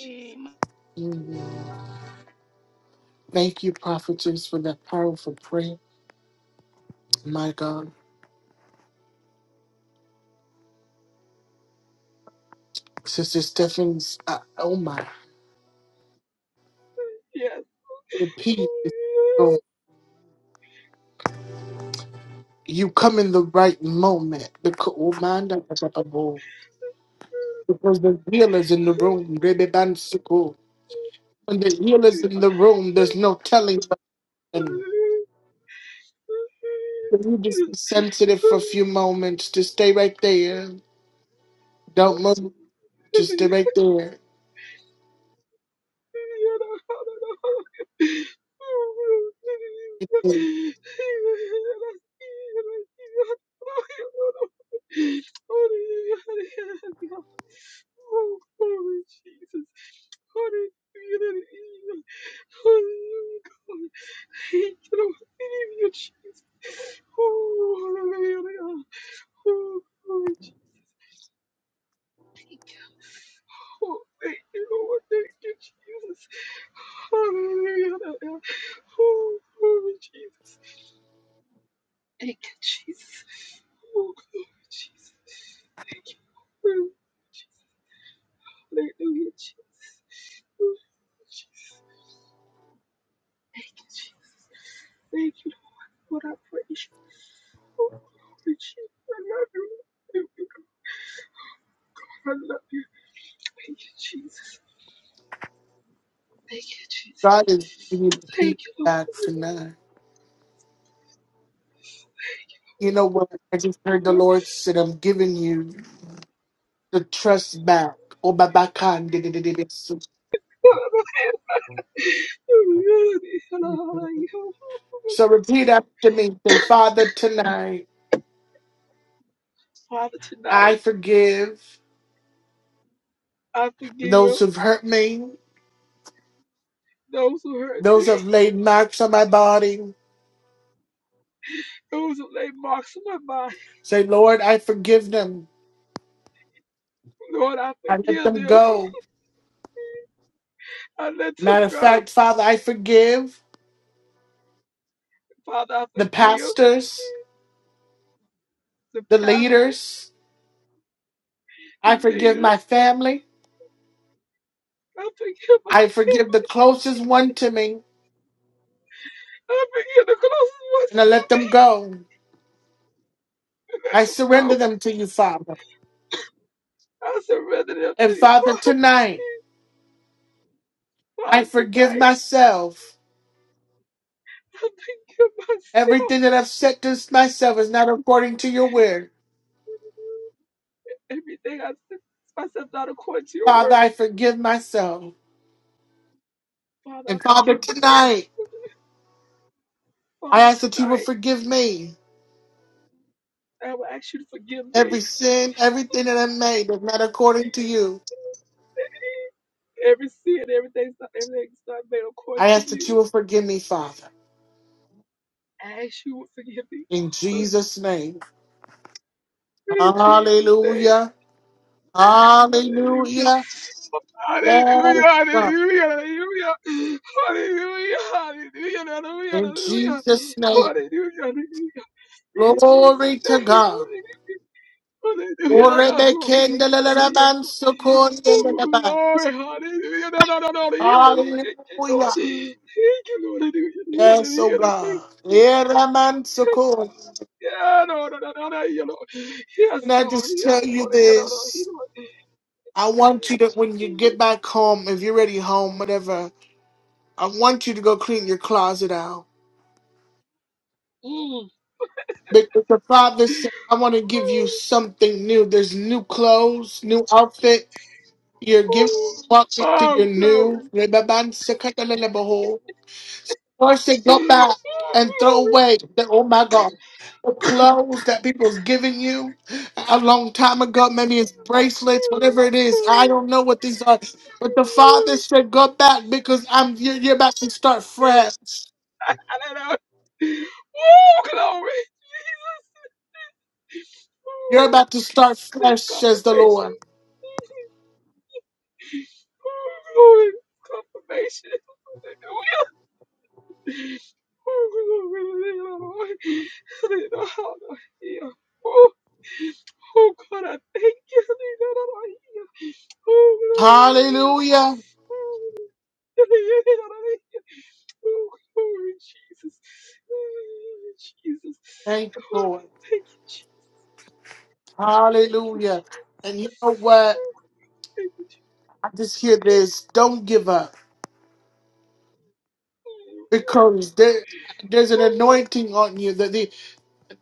S6: Amen.
S1: Mm. Thank you, prophetess, for that powerful prayer. My God. Sister Stephens, uh, oh my.
S5: Yes.
S1: Repeat. it. Oh, You come in the right moment. Because oh, man, that was a bubble. Because the healer's in the room. Baby, man, so cool. When the healer's in the room, there's no telling. Can you just be sensitive for a few moments? Just stay right there. Don't move. Just
S5: Yes.
S1: stay right there.
S5: Oh,
S1: And
S5: glory, Jesus. Hallelujah. Hallelujah, God. Thank you, Lord. Thank you, Jesus. Oh, hallelujah. Oh, glory, Jesus. Oh, thank you, Lord. Thank you, Jesus. Hallelujah. Oh, glory, Jesus. Thank you, Jesus. Oh, glory, Jesus. Thank you, Lord. Hallelujah, Jesus. Oh, Jesus. Thank you, Jesus. Thank you, Lord. Lord, I praise you. Oh, glory, Jesus. I love you. Thank you, God. I love you. Thank you, Jesus. Thank you, Jesus.
S1: God is giving you the peace
S5: Thank you, Lord.
S1: back tonight. You know what? I just heard the
S5: Hallelujah.
S1: Lord said, I'm giving you the trust back. Oh, Baba Khan, di- di- di- di- di- so
S5: Hallelujah. Hallelujah.
S1: so repeat after me. Say, Father, tonight
S5: Father,
S1: I
S5: tonight
S1: forgive
S5: I forgive
S1: those who've hurt me,
S5: those who hurt
S1: those
S5: me,
S1: who've laid marks on my body.
S5: [laughs] those who lay marks on my mind.
S1: Say, Lord, I forgive them.
S5: Lord, I
S1: I let
S5: forgive
S1: them
S5: them.
S1: go.
S5: I let them
S1: Matter of
S5: go.
S1: fact, Father, I forgive
S5: Father, I
S1: the
S5: forgive
S1: pastors,
S5: the
S1: the
S5: pastors,
S1: leaders.
S5: the
S1: I forgive my
S5: leaders.
S1: family.
S5: I forgive my
S1: I forgive
S5: family.
S1: the closest one to me,
S5: I forgive the closest ones
S1: and I
S5: to
S1: let them
S5: me.
S1: go.
S5: [laughs] I Let
S1: I
S5: them go.
S1: surrender them to you, Father.
S5: I surrender them to
S1: And
S5: you,
S1: Father,
S5: Father.
S1: tonight, I
S5: Father,
S1: forgive
S5: tonight
S1: myself.
S5: I forgive myself.
S1: Everything that I've said to myself is not according to your word,
S5: Everything I said, myself not according to your
S1: Father, I
S5: word.
S1: forgive myself.
S5: Father, I
S1: And Father,
S5: forgive myself.
S1: tonight, I
S5: Father,
S1: ask that you will
S5: tonight
S1: forgive me.
S5: I will ask you to forgive me.
S1: Every sin, everything that I made is not according to you.
S5: Every sin, everything, everything's not made according
S1: I
S5: to
S1: ask that you
S5: you.
S1: will forgive me, Father,
S5: I ask you to forgive me.
S1: in
S5: [laughs]
S1: Jesus' name.
S5: In Jesus' name.
S1: Hallelujah.
S5: Hallelujah.
S1: Hallelujah.
S5: Hallelujah.
S1: Yes, God.
S5: Hallelujah. Hallelujah. Hallelujah. Hallelujah. Hallelujah.
S1: In
S5: Hallelujah.
S1: Jesus' name.
S5: Hallelujah. Hallelujah. In Jesus'
S1: Glory to
S5: name.
S1: God.
S5: Hallelujah. Hallelujah. Hallelujah. Oh,
S1: Orebekendelelelebansokondeleleba.
S5: Lord. Hallelujah. Hallelujah.
S1: Hallelujah.
S5: Thank you, Lord. Thank you, Lord. Hallelujah.
S1: Yes, oh
S5: Hallelujah. Thank
S1: God.
S5: you. Jesus.
S1: Eramansokoy.
S5: Yeah, no, no, no, no, no, you know.
S1: Can
S5: Yes,
S1: I
S5: Lord,
S1: just
S5: yes,
S1: tell you
S5: Lord, you know, no, you
S1: this?
S5: know.
S1: I want you to, when you get back home, if you're already home, whatever, I want you to go clean your closet out.
S5: Mm.
S1: Because the father said, I want to give you
S5: Oh,
S1: something new. There's new clothes, new outfit. You're giving walking to
S5: oh,
S1: your new.
S5: glory.
S1: Or say, go back
S5: Oh,
S1: and throw
S5: glory.
S1: away the, oh my God, the clothes that people's giving you a long time ago. Maybe it's bracelets, whatever it is. I
S5: Oh,
S1: don't know what these are. But the father said, go back because I'm you're, you're about to start
S5: glory.
S1: fresh.
S5: I don't know. Oh, glory. Jesus.
S1: You're
S5: Oh,
S1: about to start fresh,
S5: this
S1: says the
S5: confirmation.
S1: Lord.
S5: Oh, glory. Confirmation. Oh, oh God, I thank you. Oh, glory, hallelujah.
S1: Hallelujah.
S5: Oh, glory, Jesus. Oh, Jesus.
S1: Thank the
S5: God,
S1: Lord.
S5: thank you, Jesus. Thank you,
S1: Hallelujah. And you know
S5: Jesus.
S1: what?
S5: Oh, thank you, Jesus.
S1: I just hear this. Don't give up because there, there's an
S5: Oh,
S1: anointing on you. That the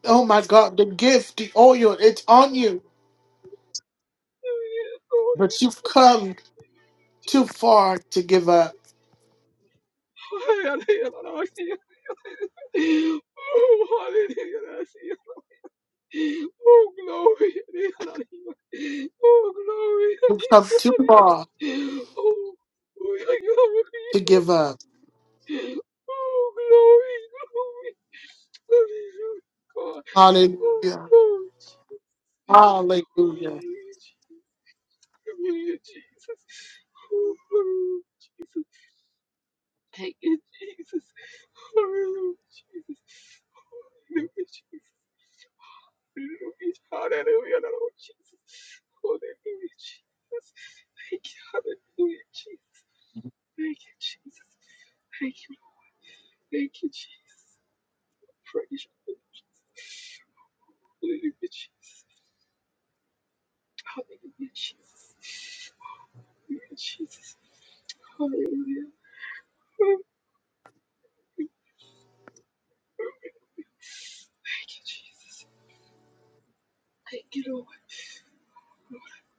S1: oh my God, the gift, the oil, it's on you.
S5: yeah, Lord,
S1: But you've come too far to give up.
S5: I thank you, Jesus. Oh, hallelujah. Gracias. Oh, glory. Hallelujah. Oh, glory.
S1: You've come too far
S5: Hallelujah. Oh, glory. Oh,
S1: to give up.
S5: glory. Glory. Hallelujah. God. Oh,
S1: Hallelujah.
S5: glory.
S1: Hallelujah.
S5: Jesus. Hallelujah, Jesus. Oh, glory. Thank you, Jesus. Hallelujah, Jesus. Hallelujah, Jesus. Hallelujah, Lord Jesus. Hallelujah, Jesus. Thank you, hallelujah, Jesus. Thank you, Jesus. Thank you, Lord. Thank you, Jesus. Praise you, Lord Jesus. Hallelujah, Jesus. Hallelujah, Jesus. Hallelujah, Jesus. Hallelujah. Thank you, Jesus. Thank you, Lord.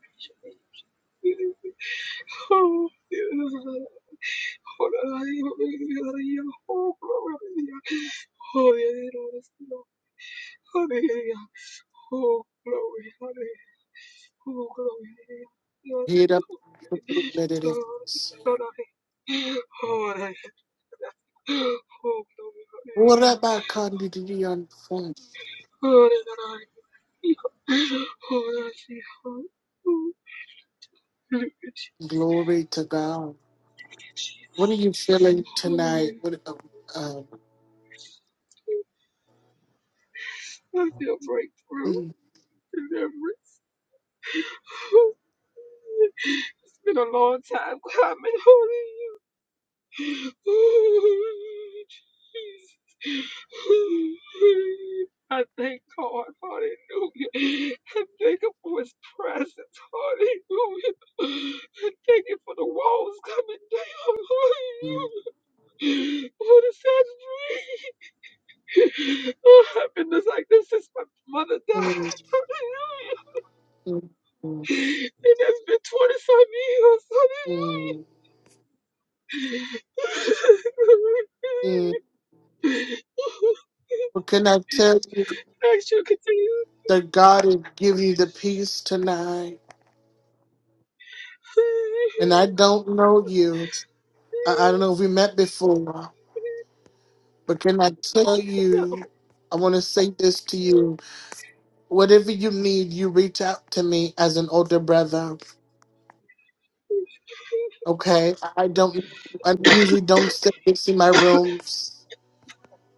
S5: Praise your name. Hallelujah. Hallelujah. Hallelujah. Oh, glory. [laughs] Hallelujah, Hallelujah. Oh, glory, hallelujah. Oh, glory, hallelujah.
S1: Hit up the food that it is.
S5: I- Oh, glory,
S1: What
S5: hallelujah.
S1: about Candy?
S5: Oh, Hallelujah,
S1: Glory to God. What are you
S5: Jesus.
S1: feeling tonight?
S5: Hallelujah.
S1: What? Uh, uh,
S5: I feel breakthrough,
S1: mm,
S5: deliverance. It's been a long time coming. holy. [laughs] Oh, Jesus. I thank God, hallelujah. I thank Him for His presence, hallelujah. I thank Him for the walls coming down,
S1: mm,
S5: hallelujah. What is that dream? Oh, I've been just like this since my mother
S1: mm,
S5: died,
S1: mm, mm,
S5: hallelujah. And that's been 20 some years, hallelujah.
S1: mm, mm.
S5: [laughs]
S1: Well, can I tell you
S5: I you continue.
S1: that God will give you the peace tonight? And I don't know you. I, I don't know if we met before, but can I tell
S5: No.
S1: you? I want to say this to you. Whatever you need, you reach out to me as an older brother. Okay? I I don't. I usually don't stay in my rooms.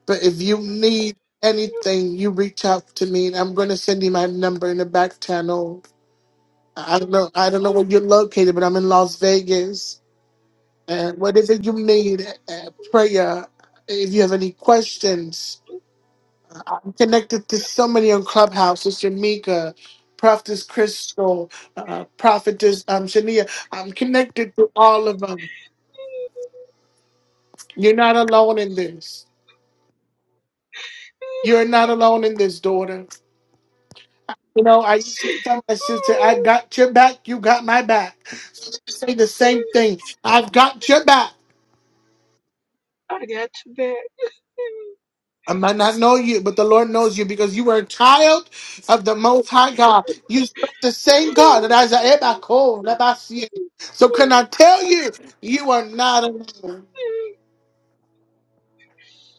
S1: But if you need anything, you reach out to me, and I'm gonna send you my number in the back channel. I don't know. I don't know where you're located, but I'm in Las Vegas. And whatever you need, uh, prayer. If you have any questions, I'm connected to so many on Clubhouse. Sister Mika, Prophetess Crystal, uh, Prophetess um, Shania. I'm connected to all of them. You're not alone in this. You're not alone in this, daughter. You know, I used to tell my sister, I got your back, you got my back. So they say the same thing. I've got your back.
S5: I got you back.
S1: I might not know you, but the Lord knows you because you were a child of the Most High God. You serve the same God that Isaiah Bako, Labasie. So can I tell you, you are not alone.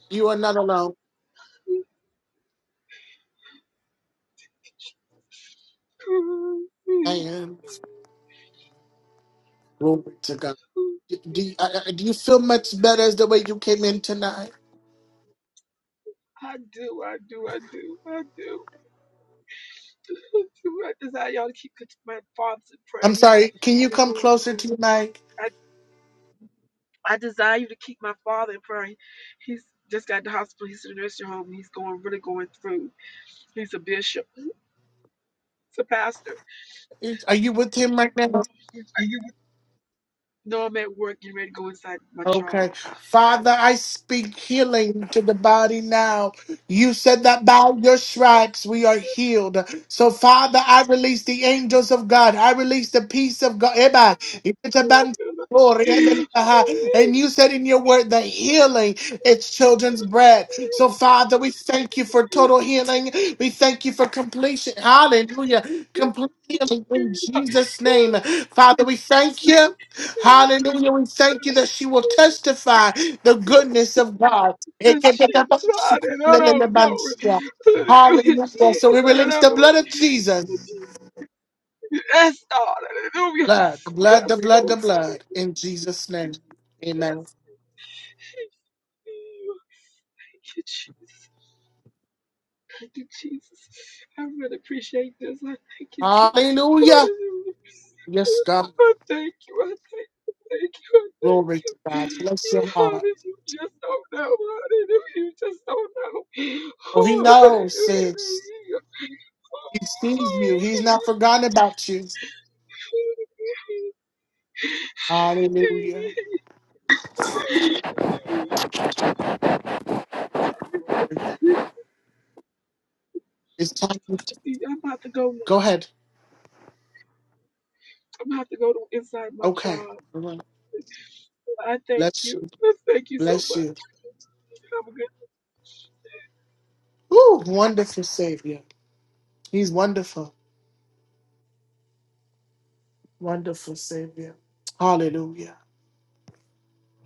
S1: You are not alone. And glory to God. Do you, I- I- do you feel much better as the way you came in tonight?
S5: I do, I do, I do, I do. I desire y'all to keep my father's in prayer.
S1: I'm
S5: He's
S1: sorry. Can you
S5: been
S1: come
S5: going
S1: closer to
S5: through.
S1: your mic?
S5: I I desire you to keep my father in prayer. He- He's just got the hospital. He's in the nursing home. And He's going really going through. He's a bishop. He's a pastor.
S1: Is- Are you with him right now?
S5: Are you? No, I'm at work. Getting ready to go inside my job.
S1: Okay. Father, I speak healing to the body now. You said that by your stripes we are healed. So, Father, I release the angels of God. I release the peace of God. Eba, Glory. And you said in your word that healing is children's bread. So, Father, we thank you for total healing. We thank you for completion. Hallelujah. Complete healing in Jesus' name. Father, we thank you. Hallelujah. We thank you that she will testify the goodness of God.
S5: Jesus, I don't know, glory. Hallelujah,
S1: Hallelujah.
S5: Jesus,
S1: So we
S5: I
S1: release
S5: don't
S1: the
S5: know.
S1: blood of Jesus.
S5: Yes, Lord, hallelujah.
S1: Blood, the blood, the
S5: Yes,
S1: blood,
S5: Lord,
S1: the blood.
S5: hallelujah.
S1: In Jesus' name. Amen.
S5: Yes. Thank you, Jesus. Thank you, Jesus. I really appreciate this. I thank you, Jesus.
S1: Hallelujah.
S5: Hallelujah.
S1: Yes, God.
S5: I thank you. I thank you. Thank you. I thank
S1: Glory to
S5: you.
S1: God. Bless your heart.
S5: Hallelujah. You just don't know. Hallelujah. You just don't know.
S1: Oh, he knows, sis.
S5: Hallelujah.
S1: He sees you. He's not forgotten about you. Hallelujah. It's time. to-
S5: I'm about to go now.
S1: Go ahead.
S5: I'm about to go to inside my
S1: Okay.
S5: job.
S1: All right.
S5: I thank
S1: Bless
S5: you.
S1: you.
S5: I thank you so
S1: Bless
S5: much.
S1: you.
S5: Have a good
S1: Ooh, wonderful Savior. He's wonderful. Wonderful Savior. Hallelujah.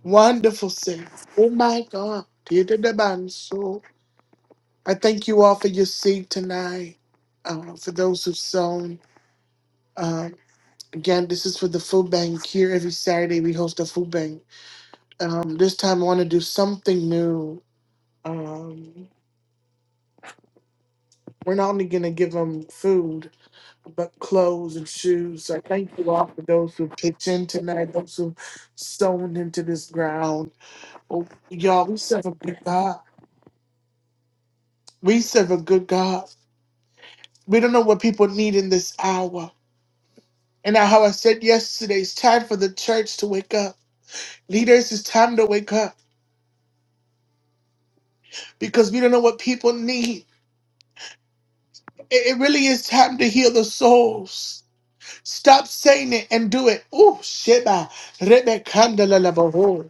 S1: Wonderful Savior. Oh, my God. Dear to the man, so I thank you all for your seed tonight. Uh, for those who've sown. um, Again, this is for the food bank here. Every Saturday we host a food bank. Um, this time I want to do something new. Um, we're not only gonna give them food, but clothes and shoes. So I thank you all for those who pitched in tonight, those who sown into this ground. Oh, y'all, we serve a good God. We serve a good God. We don't know what people need in this hour. And how I said yesterday, it's time for the church to wake up. Leaders, it's time to wake up because we don't know what people need. It it really is time to heal the souls. Stop saying it and do it. Ooh, Sheba. Rebekah-ndalabaho.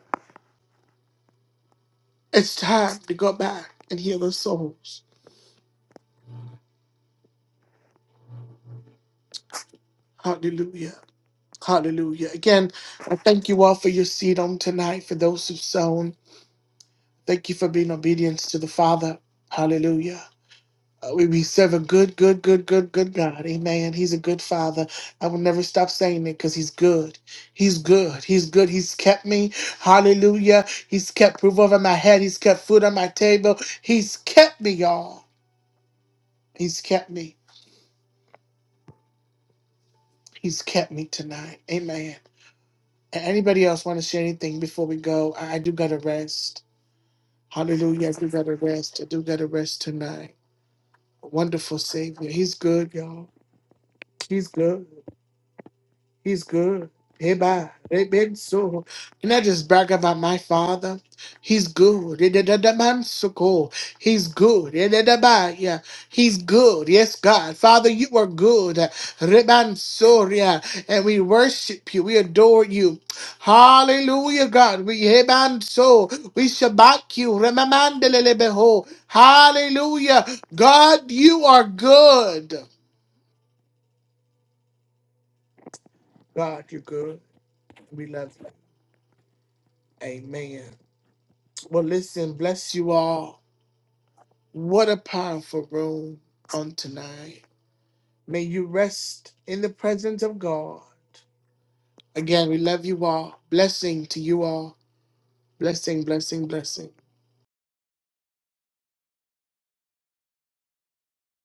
S1: It's time to go back and heal the souls. Hallelujah. Hallelujah. Again, I thank you all for your seed on tonight, for those who've sown. Thank you for being obedient to the Father. Hallelujah. Uh, We we serve a good, good, good, good, good God. Amen. He's a good father. I will never stop saying it because he's good. He's good. He's good. He's kept me. Hallelujah. He's kept roof over my head. He's kept food on my table. He's kept me, y'all. He's kept me. He's kept me tonight. Amen. And anybody else want to share anything before we go? I, I do got to rest. Hallelujah. I do got to rest. I do got to rest tonight. Wonderful Savior. He's good, y'all. He's good. He's good. Eba, reben, so. Can I just brag about my father? He's good. Eh, da, da, da, man so cool. He's good. Eh, da, da, bye. yeah. He's good. Yes, God. Father, you are good. Reban, so, yeah. And we worship you. We adore you. Hallelujah, God. We heban so. We shabak you. Remamandelelebeho. Hallelujah. God, you are good. God, you're good. We love you. Amen. Well, listen, bless you all. What a powerful room on tonight. May you rest in the presence of God. Again, we love you all. Blessing to you all. Blessing, blessing, blessing.